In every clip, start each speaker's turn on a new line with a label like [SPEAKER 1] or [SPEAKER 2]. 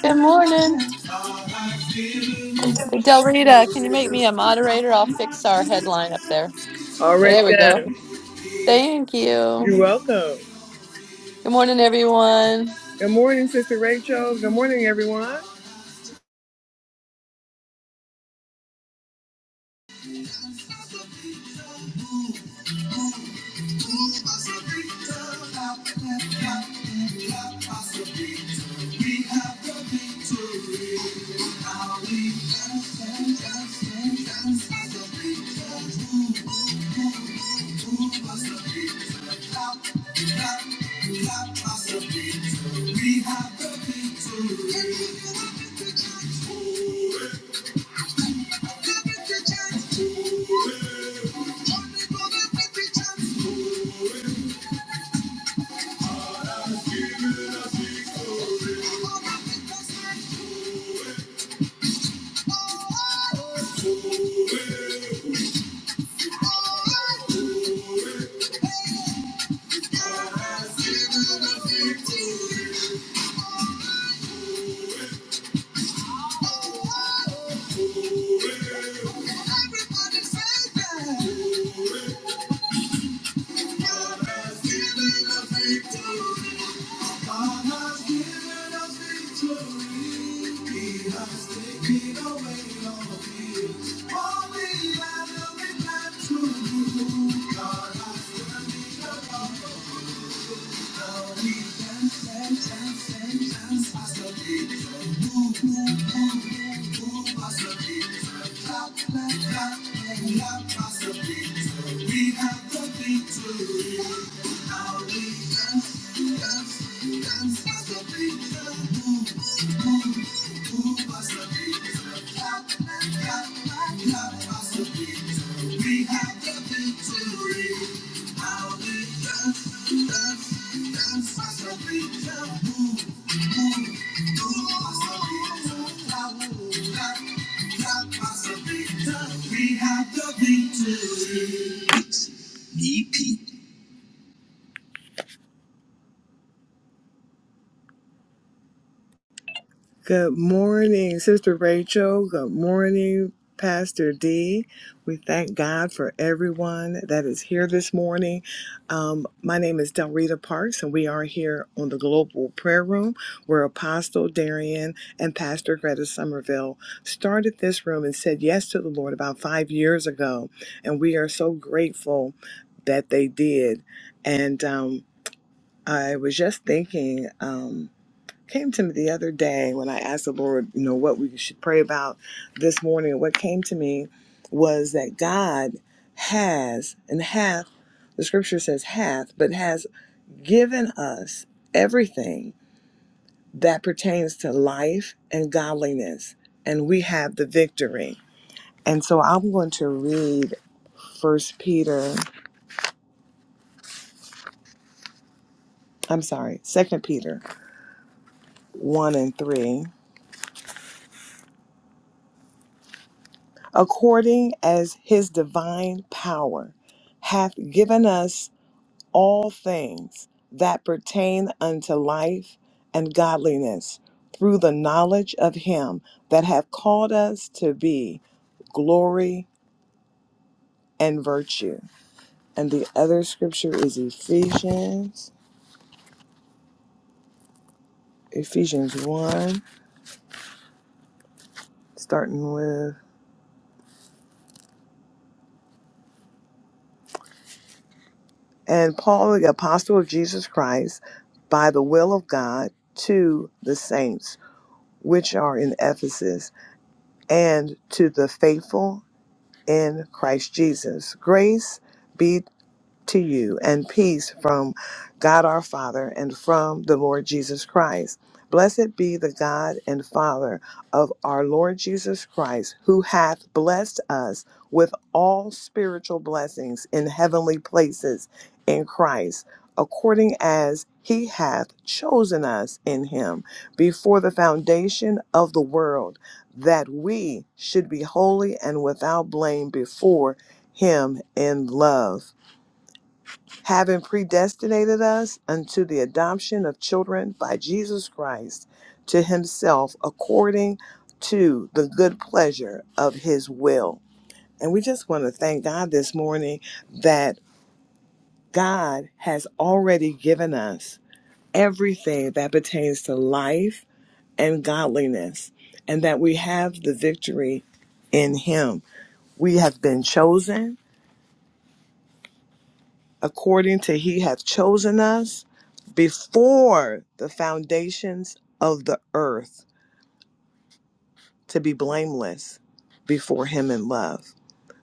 [SPEAKER 1] Good morning. Del Rita, can you make me a moderator? I'll fix our headline up there.
[SPEAKER 2] All right
[SPEAKER 1] There we go.
[SPEAKER 2] then.
[SPEAKER 1] Thank
[SPEAKER 2] You're
[SPEAKER 1] you.
[SPEAKER 2] welcome.
[SPEAKER 1] Good morning, everyone.
[SPEAKER 2] Good morning, Sister Rachel. Good morning, everyone. Good morning, Sister Rachel. Good morning, Pastor D. We thank God for everyone that is here this morning. Um, my name is Delrita Parks, and we are here on the Global Prayer Room where Apostle Darian and Pastor Greta Somerville started this room and said yes to the Lord about five years ago. And we are so grateful that they did. And um, I was just thinking. Um, came to me the other day when I asked the Lord, you know, what we should pray about this morning. What came to me was that God has and hath, the scripture says hath, but has given us everything that pertains to life and godliness, and we have the victory. And so I'm going to read First Peter, I'm sorry, Second Peter 1 and 3. according as his divine power hath given us all things that pertain unto life and godliness through the knowledge of him that hath called us to be glory and virtue. And the other scripture is Ephesians, Ephesians 1, starting with, and Paul, the apostle of Jesus Christ, by the will of God to the saints which are in Ephesus, and to the faithful in Christ Jesus. Grace be to you and peace from God our Father and from the Lord Jesus Christ. Blessed be the God and Father of our Lord Jesus Christ, who hath blessed us with all spiritual blessings in heavenly places in Christ, according as he hath chosen us in him before the foundation of the world, that we should be holy and without blame before him in love having predestinated us unto the adoption of children by Jesus Christ to himself according to the good pleasure of his will. And we just want to thank God this morning that God has already given us everything that pertains to life and godliness, and that we have the victory in him. We have been chosen, according to he hath chosen us before the foundations of the earth to be blameless before him in love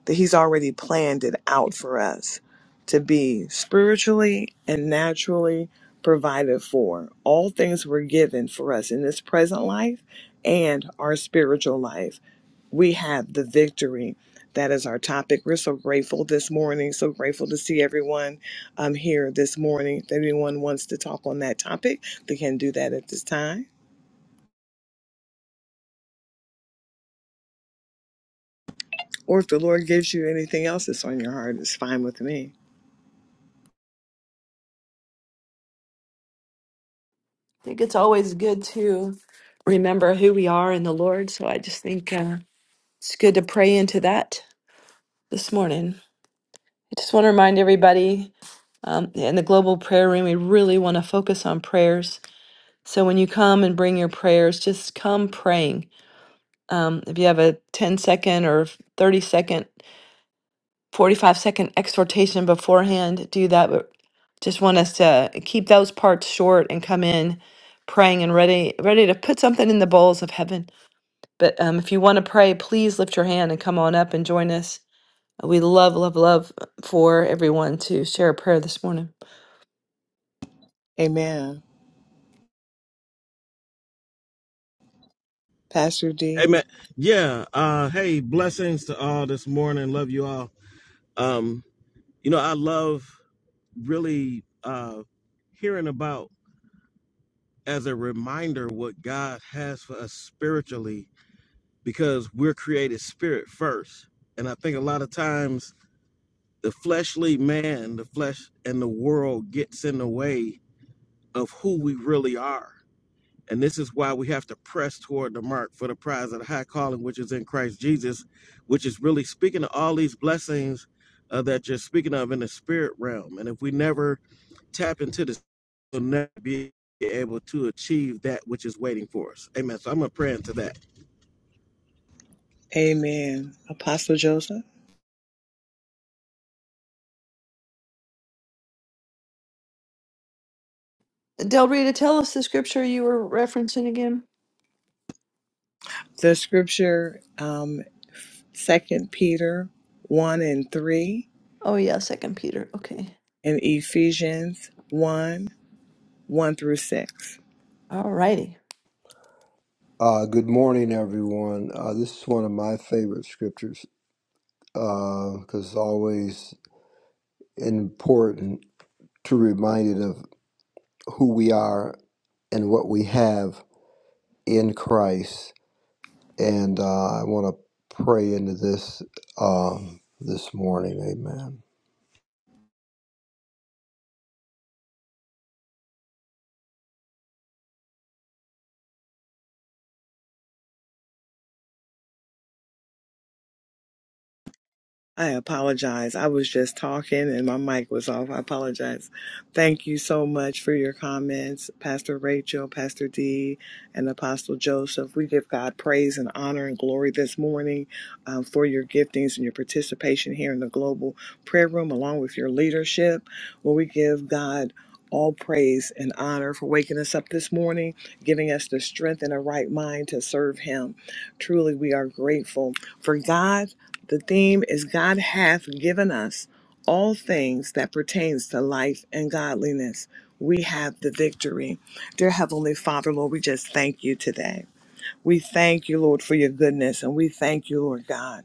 [SPEAKER 2] that he's already planned it out for us to be spiritually and naturally provided for all things were given for us in this present life and our spiritual life we have the victory. That is our topic. We're so grateful this morning, so grateful to see everyone um, here this morning. If anyone wants to talk on that topic, they can do that at this time. Or if the Lord gives you anything else that's on your heart, it's fine with me.
[SPEAKER 1] The Lord. So I just think uh, it's good to pray into that this morning. I just want to remind everybody um, in the global prayer room, we really want to focus on prayers. So when you come and bring your prayers, just come praying. Um, if you have a ten-second or 30 second 45 second exhortation beforehand do that but just want us to keep those parts short and come in praying and ready ready to put something in the bowls of heaven but um, if you want to pray please lift your hand and come on up and join us we love love love for everyone to share a prayer this morning
[SPEAKER 2] Amen. Pastor D,
[SPEAKER 3] Amen. Yeah. Uh, hey, blessings to all this morning. Love you all. Um, you know, I love really uh, hearing about as a reminder what God has for us spiritually because we're created spirit first. And I think a lot of times the fleshly man, the flesh and the world gets in the way of who we really are And this is why we have to press toward the mark for the prize of the high calling, which is in Christ Jesus, which is really speaking to all these blessings uh, that you're speaking of in the spirit realm. And if we never tap into this, we'll never be able to achieve that which is waiting for us. Amen. So I'm going to pray into that.
[SPEAKER 2] amen. Apostle Joseph,
[SPEAKER 1] del rita tell us the scripture you were referencing again
[SPEAKER 2] the scripture, um, 2 Peter 1 and 3,
[SPEAKER 1] oh yeah second peter okay
[SPEAKER 2] and Ephesians 1 1 through 6.
[SPEAKER 1] all righty
[SPEAKER 4] Uh, good morning, everyone. Uh, this is one of my favorite scriptures because it's always important to remind it of who we are and what we have in Christ. And uh, I want to pray into this um, this morning. Amen.
[SPEAKER 2] I apologize. I was just talking and my mic was off. I apologize. Thank you so much for your comments, Pastor Rachel, Pastor D, and Apostle Joseph. We give God praise and honor and glory this morning um, for your giftings and your participation here in the global prayer room, along with your leadership. Well, we give God all praise and honor for waking us up this morning, giving us the strength and a right mind to serve Him. Truly, we are grateful for God the theme is God hath given us all things that pertains to life and godliness. We have the victory. Dear Heavenly Father, Lord, we just thank you today. We thank you, Lord, for your goodness, and we thank you, Lord God.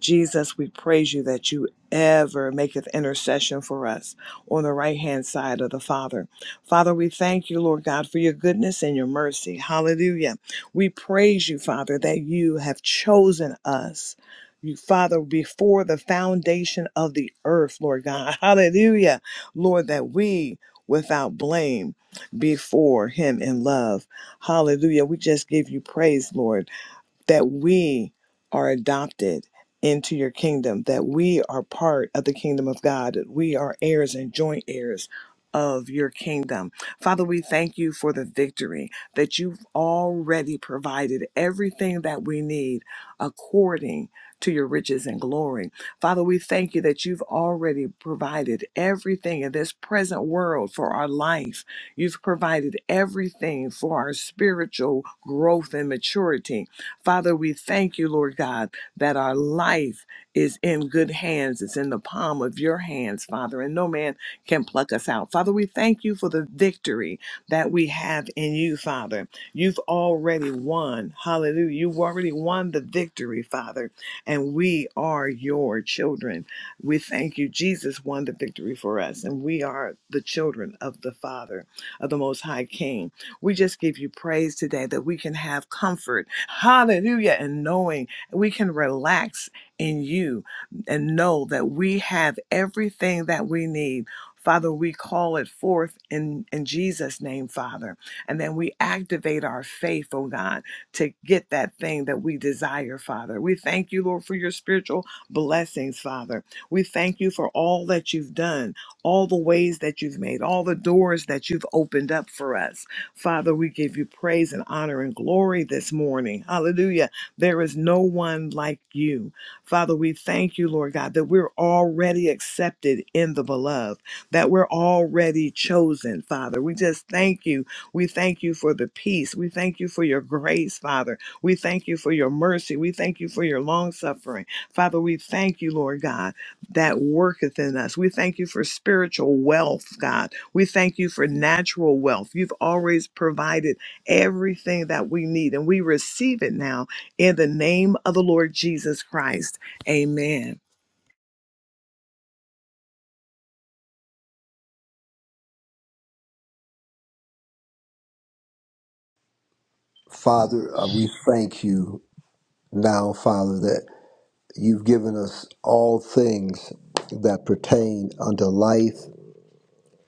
[SPEAKER 2] Jesus, we praise you that you ever maketh intercession for us on the right hand side of the Father. Father, we thank you, Lord God, for your goodness and your mercy. Hallelujah. We praise you, Father, that you have chosen us. You, Father, before the foundation of the earth, Lord God. Hallelujah. Lord, that we without blame before him in love. Hallelujah. We just give you praise, Lord that we are adopted into your kingdom, that we are part of the kingdom of God, that we are heirs and joint heirs of your kingdom. Father, we thank you for the victory that you've already provided everything that we need according to your riches and glory. Father, we thank you that you've already provided everything in this present world for our life. You've provided everything for our spiritual growth and maturity. Father, we thank you, Lord God, that our life is in good hands. It's in the palm of your hands, Father, and no man can pluck us out. Father, we thank you for the victory that we have in you, Father. You've already won. Hallelujah. You've already won the victory, Father, and we are your children. We thank you. Jesus won the victory for us, and we are the children of the Father, of the Most High King. We just give you praise today that we can have comfort Hallelujah. And knowing we can relax in you and know that we have everything that we need. Father, we call it forth in, in Jesus' name, Father. And then we activate our faith, oh God, to get that thing that we desire, Father. We thank you, Lord, for your spiritual blessings, Father. We thank you for all that you've done, all the ways that you've made, all the doors that you've opened up for us. Father, we give you praise and honor and glory this morning. Hallelujah. There is no one like you. Father, we thank you, Lord God, that we're already accepted in the beloved, that we're already chosen, Father. We just thank you. We thank you for the peace. We thank you for your grace, Father. We thank you for your mercy. We thank you for your long suffering. Father, we thank you, Lord God that worketh in us. We thank you for spiritual wealth, God. We thank you for natural wealth. You've always provided everything that we need, and we receive it now in the name of the Lord Jesus Christ. Amen.
[SPEAKER 4] Father, uh, we thank you now, Father, that you've given us all things that pertain unto life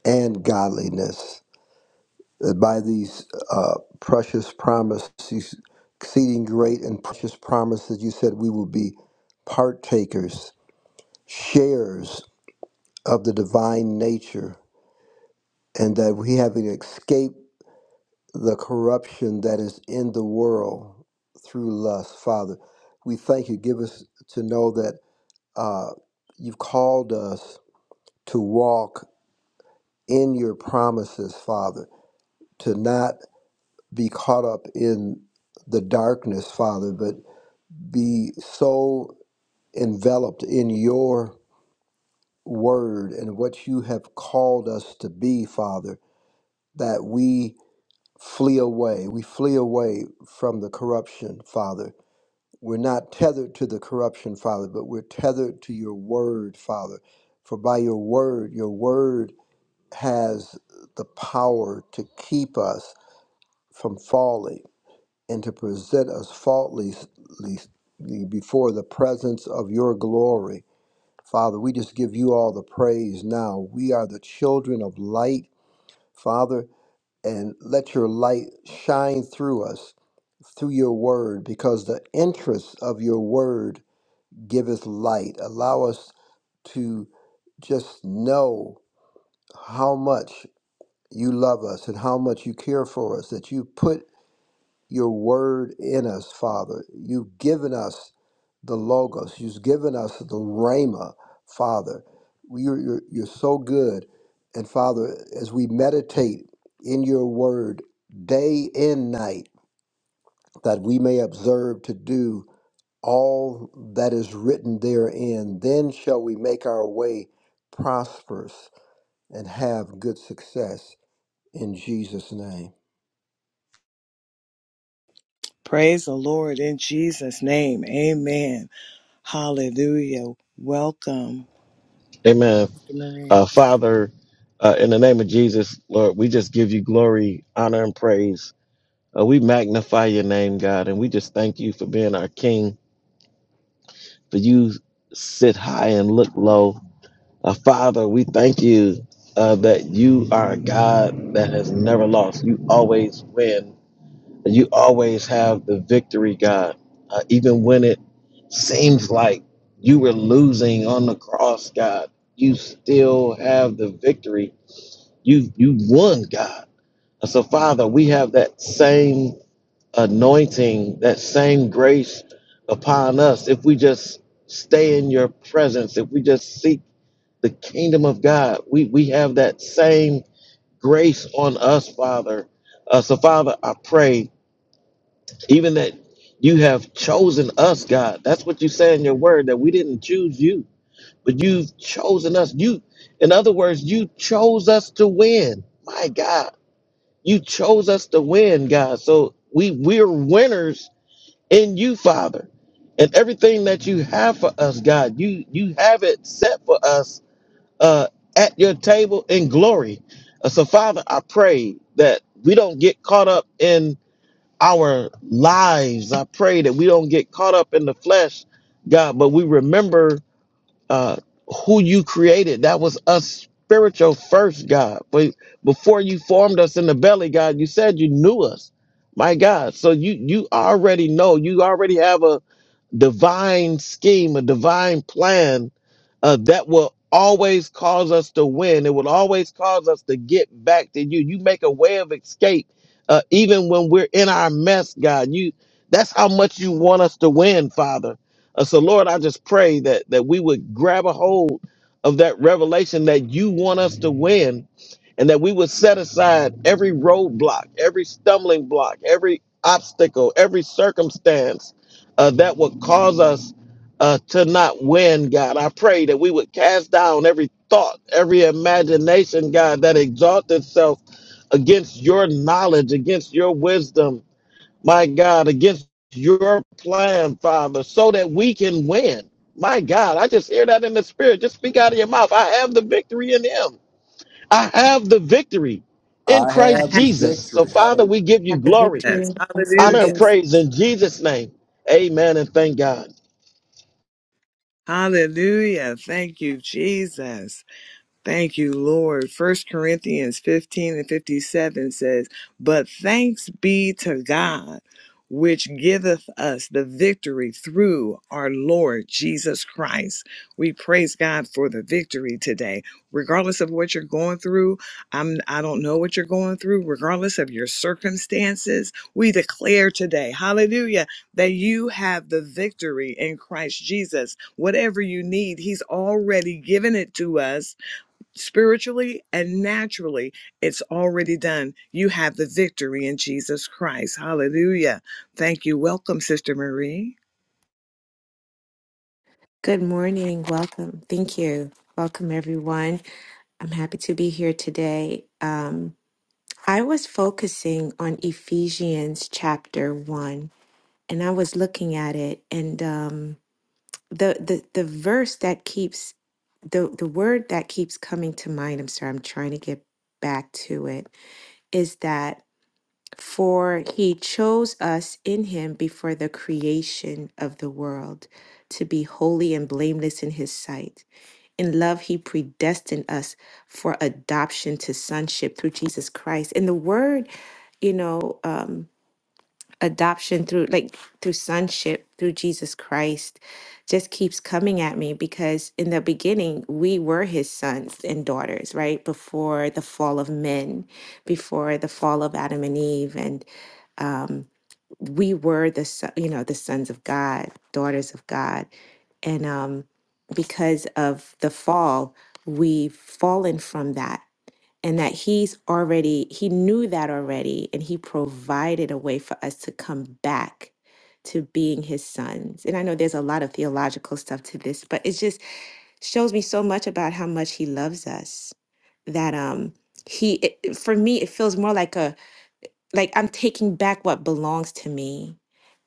[SPEAKER 4] and godliness. that by these uh, precious promises, exceeding great and precious promises, you said we will be partakers, sharers of the divine nature, and that we having escaped the corruption that is in the world through lust. Father, we thank you. Give us to know that uh, you've called us to walk in your promises, Father, to not be caught up in the darkness, Father, but be so enveloped in your word and what you have called us to be, Father, that we flee away. We flee away from the corruption, Father. We're not tethered to the corruption, Father, but we're tethered to your word, Father. For by your word, your word has the power to keep us from falling and to present us faultlessly before the presence of your glory. Father, we just give you all the praise now. We are the children of light, Father, and let your light shine through us through your word, because the interest of your word giveth light. Allow us to just know how much you love us and how much you care for us, that you put your word in us, Father. You've given us the Logos, you've given us the Rhema, Father. You're, you're, you're so good. And Father, as we meditate in your word day and night, that we may observe to do all that is written therein, then shall we make our way prosperous and have good success in Jesus' name.
[SPEAKER 2] Praise the Lord in Jesus' name. Amen. Hallelujah. Welcome.
[SPEAKER 3] Amen. Uh, Father, uh, in the name of Jesus, Lord, we just give you glory, honor, and praise. Uh, we magnify your name, God, and we just thank you for being our King. for you sit high and look low. Uh, Father, we thank you uh, that you are a God that has never lost. You always win. You always have the victory, God. Uh, even when it seems like you were losing on the cross, God, you still have the victory. You you won, God. And so, Father, we have that same anointing, that same grace upon us. If we just stay in your presence, if we just seek the kingdom of God, we, we have that same grace on us, Father. Uh, so, Father, I pray even that you have chosen us, God. That's what you say in your word, that we didn't choose you, but you've chosen us. You, in other words, you chose us to win. My God, you chose us to win, God. So we we're winners in you, Father. And everything that you have for us, God, you you have it set for us uh, at your table in glory. Uh, so, Father, I pray that we don't get caught up in our lives. I pray that we don't get caught up in the flesh, God, but we remember uh, who you created. That was us spiritual first, God. But before you formed us in the belly, God, you said you knew us. My God. So you you already know. You already have a divine scheme, a divine plan uh, that will always cause us to win. It will always cause us to get back to you. You make a way of escape, uh, even when we're in our mess, God. You that's how much you want us to win, Father. Uh, so, Lord, I just pray that that we would grab a hold of that revelation that you want us to win, and that we would set aside every roadblock, every stumbling block, every obstacle, every circumstance uh, that would cause us uh, to not win. God, I pray that we would cast down every thought, every imagination, God, that exalts itself against your knowledge, against your wisdom my God, against your plan, Father, so that we can win. My God, I just hear that in the spirit. Just speak out of your mouth. I have the victory in Him. I have the victory in
[SPEAKER 4] I
[SPEAKER 3] Christ
[SPEAKER 4] have the
[SPEAKER 3] Jesus. So,
[SPEAKER 4] victory.
[SPEAKER 3] Father, we give you
[SPEAKER 5] Have the
[SPEAKER 3] glory,
[SPEAKER 5] victory
[SPEAKER 2] Yes.
[SPEAKER 5] in Christ
[SPEAKER 3] honor, and
[SPEAKER 2] Hallelujah.
[SPEAKER 5] Jesus.
[SPEAKER 3] praise in Jesus' name. Amen and thank God.
[SPEAKER 2] Hallelujah. Thank you, Jesus. Thank you, Lord. First Corinthians 15 and 57 says, But thanks be to God, which giveth us the victory through our Lord Jesus Christ. We praise God for the victory today. Regardless of what you're going through, I'm I don't know what you're going through, regardless of your circumstances, we declare today, hallelujah, that you have the victory in Christ Jesus. Whatever you need, He's already given it to us spiritually and naturally it's already done you have the victory in jesus christ hallelujah thank you welcome sister marie
[SPEAKER 5] Good morning. Welcome. Thank you. Welcome, everyone. I'm happy to be here today. Um, I was focusing on Ephesians chapter one, and I was looking at it, and um, the the the verse that keeps the the word that keeps coming to mind. I'm sorry. I'm trying to get back to it. Is that For he chose us in him before the creation of the world to be holy and blameless in his sight. In love, he predestined us for adoption to sonship through Jesus Christ. And the word, you know, um, adoption through like through sonship through Jesus Christ just keeps coming at me because in the beginning we were his sons and daughters right before the fall of men before the fall of Adam and Eve and um we were the so- you know the sons of God daughters of God and um because of the fall we've fallen from that and that he's already he knew that already and he provided a way for us to come back to being his sons and i know there's a lot of theological stuff to this but it just shows me so much about how much he loves us that um he it, it- for me it feels more like a like i'm taking back what belongs to me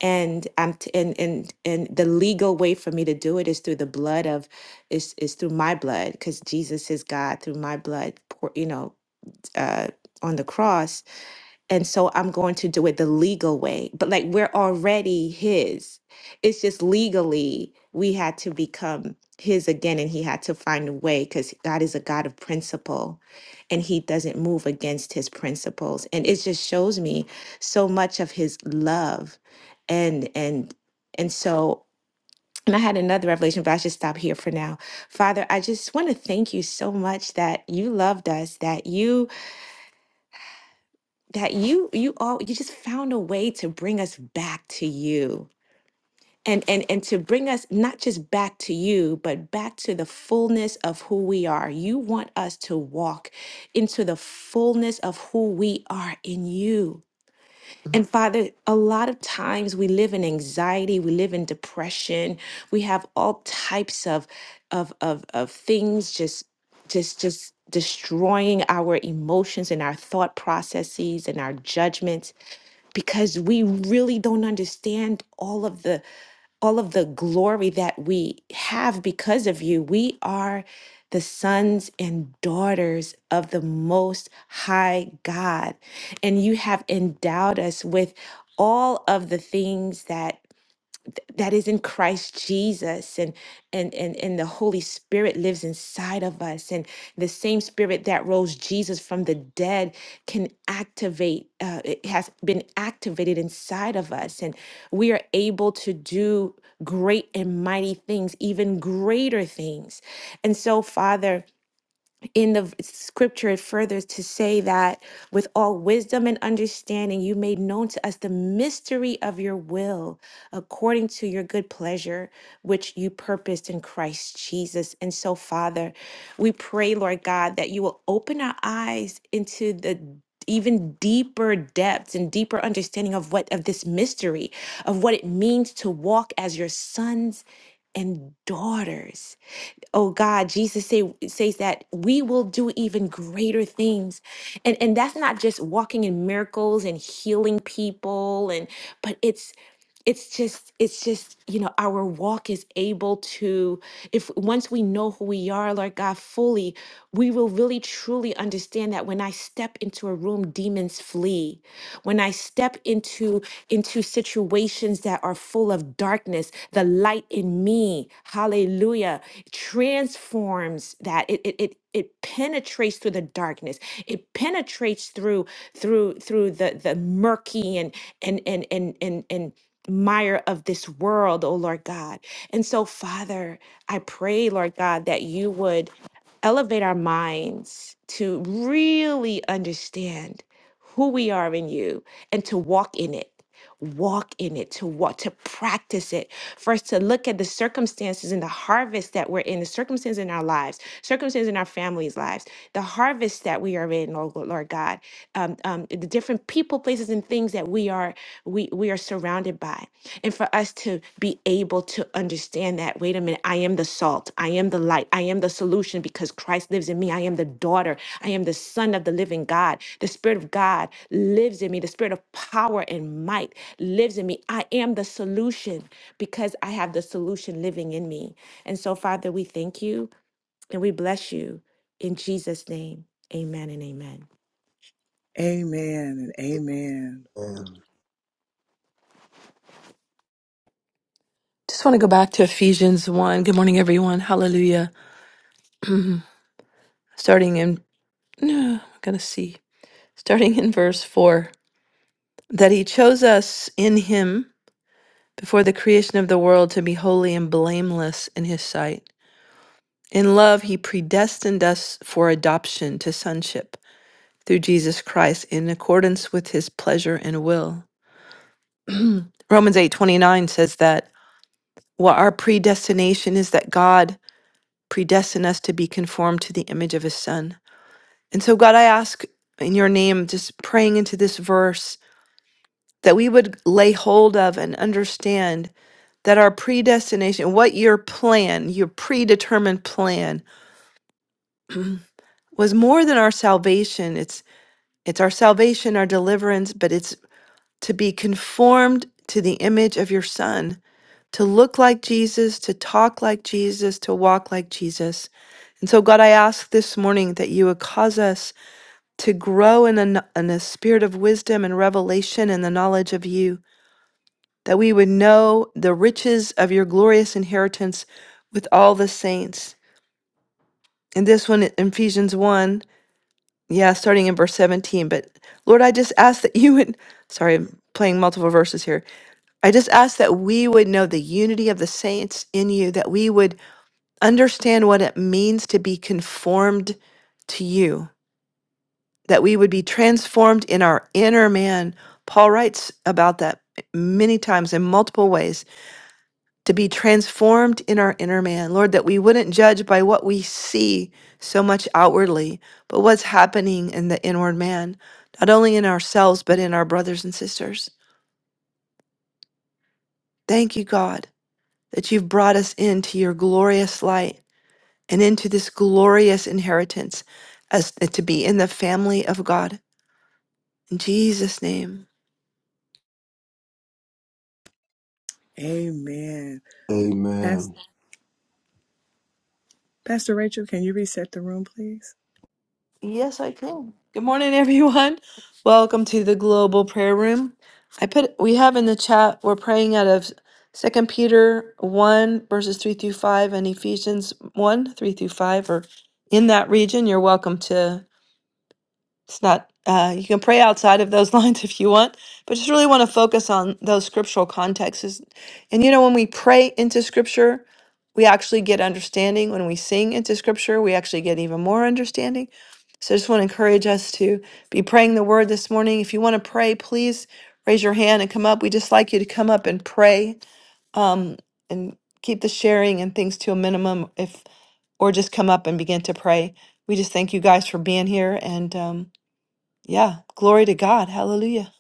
[SPEAKER 5] and i'm t- and and and the legal way for me to do it is through the blood of is is through my blood because jesus is god through my blood pour, you know uh, on the cross, and so I'm going to do it the legal way. But like we're already His. It's just legally we had to become His again, and He had to find a way because God is a God of principle, and He doesn't move against His principles. And it just shows me so much of His love, and and and so. And I had another revelation, but I should stop here for now. Father, I just want to thank you so much that you loved us, that you that you you all you just found a way to bring us back to you and and and to bring us not just back to you but back to the fullness of who we are you want us to walk into the fullness of who we are in you and Father, a lot of times we live in anxiety, we live in depression, we have all types of of of of things just just just destroying our emotions and our thought processes and our judgments because we really don't understand all of the all of the glory that we have because of you. We are the sons and daughters of the Most High God. And you have endowed us with all of the things that that is in Christ Jesus and and and and the Holy Spirit lives inside of us and the same spirit that rose Jesus from the dead can activate uh, it has been activated inside of us and we are able to do great and mighty things even greater things and so father in the v- scripture it further to say that with all wisdom and understanding you made known to us the mystery of your will according to your good pleasure which you purposed in christ jesus and so father we pray lord god that you will open our eyes into the even deeper depths and deeper understanding of what of this mystery of what it means to walk as your sons and daughters oh god jesus say, says that we will do even greater things and and that's not just walking in miracles and healing people and but it's it's just it's just you know our walk is able to if once we know who we are lord god fully we will really truly understand that when i step into a room demons flee when i step into into situations that are full of darkness the light in me hallelujah transforms that it it, it it penetrates through the darkness it penetrates through through through the the murky and and and and and, and mire of this world, oh Lord God. And so, Father, I pray, Lord God, that you would elevate our minds to really understand who we are in you and to walk in it walk in it to walk to practice it first to look at the circumstances and the harvest that we're in the circumstances in our lives circumstances in our families lives the harvest that we are in oh Lord God, um, God different people places and things that we are we we are surrounded by and for us to be able to understand that wait a minute i am the salt i am the light i am the solution because christ lives in me i am the daughter i am the son of the living god the spirit of god lives in me the spirit of power and might lives in me i am the solution because i have the solution living in me and so father we thank you and we bless you in jesus name amen and amen
[SPEAKER 2] amen and amen
[SPEAKER 4] Hallelujah.
[SPEAKER 1] just want to go back to ephesians 1 good morning everyone hallelujah starting in no, i'm gonna see starting in verse 4 that he chose us in him before the creation of the world to be holy and blameless in his sight. In love, he predestined us for adoption to sonship through Jesus Christ in accordance with his pleasure and will. Romans 8:29 says that what our predestination is that God predestined us to be conformed to the image of his son. And so God, I ask in your name just praying into this verse that we would lay hold of and understand that our predestination, what your plan, your predetermined plan, was more than our salvation. It's it's our salvation, our deliverance, but it's to be conformed to the image of your son, to look like Jesus, to talk like Jesus, to walk like Jesus. And so God, I ask this morning that you would cause us to grow in a, kn- in a spirit of wisdom and revelation and the knowledge of you that we would know the riches of your glorious inheritance with all the saints. And this one, Ephesians 1, yeah, starting in verse 17. But Lord, I just ask that you would, sorry, I'm playing multiple verses here. I just ask that we would know the unity of the saints in you, that we would understand what it means to be conformed to you, that we would be transformed in our inner man. Paul writes about that many times in multiple ways to be transformed in our inner man. Lord, that we wouldn't judge by what we see so much outwardly, but what's happening in the inward man, not only in ourselves, but in our brothers and sisters. Thank you, God, that you've brought us into your glorious light and into this glorious inheritance as to be in the family of God. In Jesus' name.
[SPEAKER 2] amen pastor,
[SPEAKER 4] Amen.
[SPEAKER 2] pastor rachel can you reset the room please
[SPEAKER 1] Yes, I can. Good morning, everyone. Welcome to the Global Prayer Room. I put we have in the chat we're praying out of Second Peter one verses three through five and Ephesians one three through five. Or in that region, you're welcome to it's not uh, you can pray outside of those lines if you want but just really want to focus on those scriptural contexts Is- and you know when we pray into scripture we actually get understanding when we sing into scripture we actually get even more understanding so i just want to encourage us to be praying the word this morning if you want to pray please raise your hand and come up we just like you to come up and pray um, and keep the sharing and things to a minimum if or just come up and begin to pray we just thank you guys for being here and um, yeah. Glory to God. Hallelujah.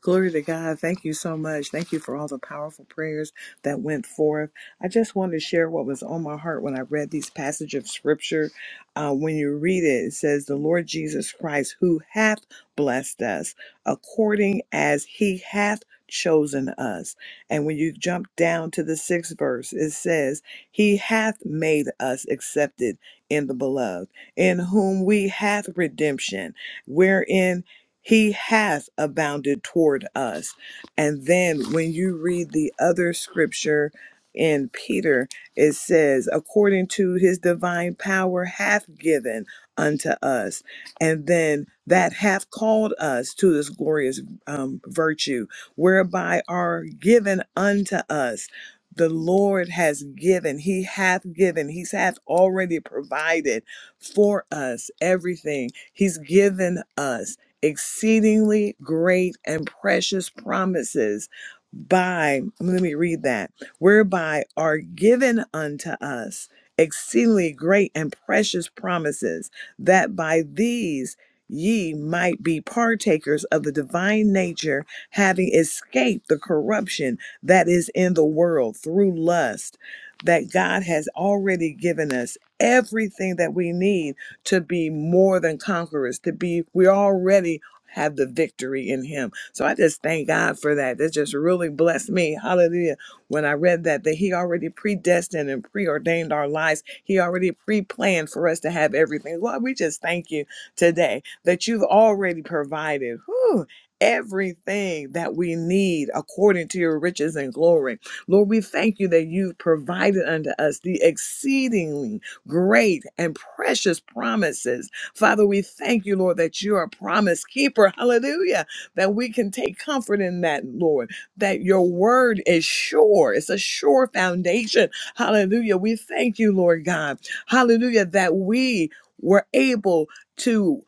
[SPEAKER 2] Glory to God. Thank you so much. Thank you for all the powerful prayers that went forth. I just wanted to share what was on my heart when I read these passage of scripture. Uh, when you read it, it says, The Lord Jesus Christ, who hath blessed us according as he hath chosen us. And when you jump down to the sixth verse, it says, He hath made us accepted in the beloved, in whom we hath redemption, wherein he has abounded toward us. And then when you read the other scripture in Peter, it says, according to his divine power, hath given unto us. And then that hath called us to this glorious um, virtue, whereby are given unto us. The Lord has given, He hath given, He hath already provided for us everything. He's given us exceedingly great and precious promises by let me read that whereby are given unto us exceedingly great and precious promises that by these ye might be partakers of the divine nature having escaped the corruption that is in the world through lust that God has already given us everything that we need to be more than conquerors, to be, we already have the victory in him. So I just thank God for that. That just really blessed me. Hallelujah. When I read that, that he already predestined and preordained our lives. He already pre-planned for us to have everything. Lord, we just thank you today that you've already provided. Whew, Everything that we need according to your riches and glory. Lord, we thank you that you've provided unto us the exceedingly great and precious promises. Father, we thank you, Lord, that you're a promise keeper. Hallelujah. That we can take comfort in that, Lord, that your word is sure. It's a sure foundation. Hallelujah. We thank you, Lord God. Hallelujah. That we were able to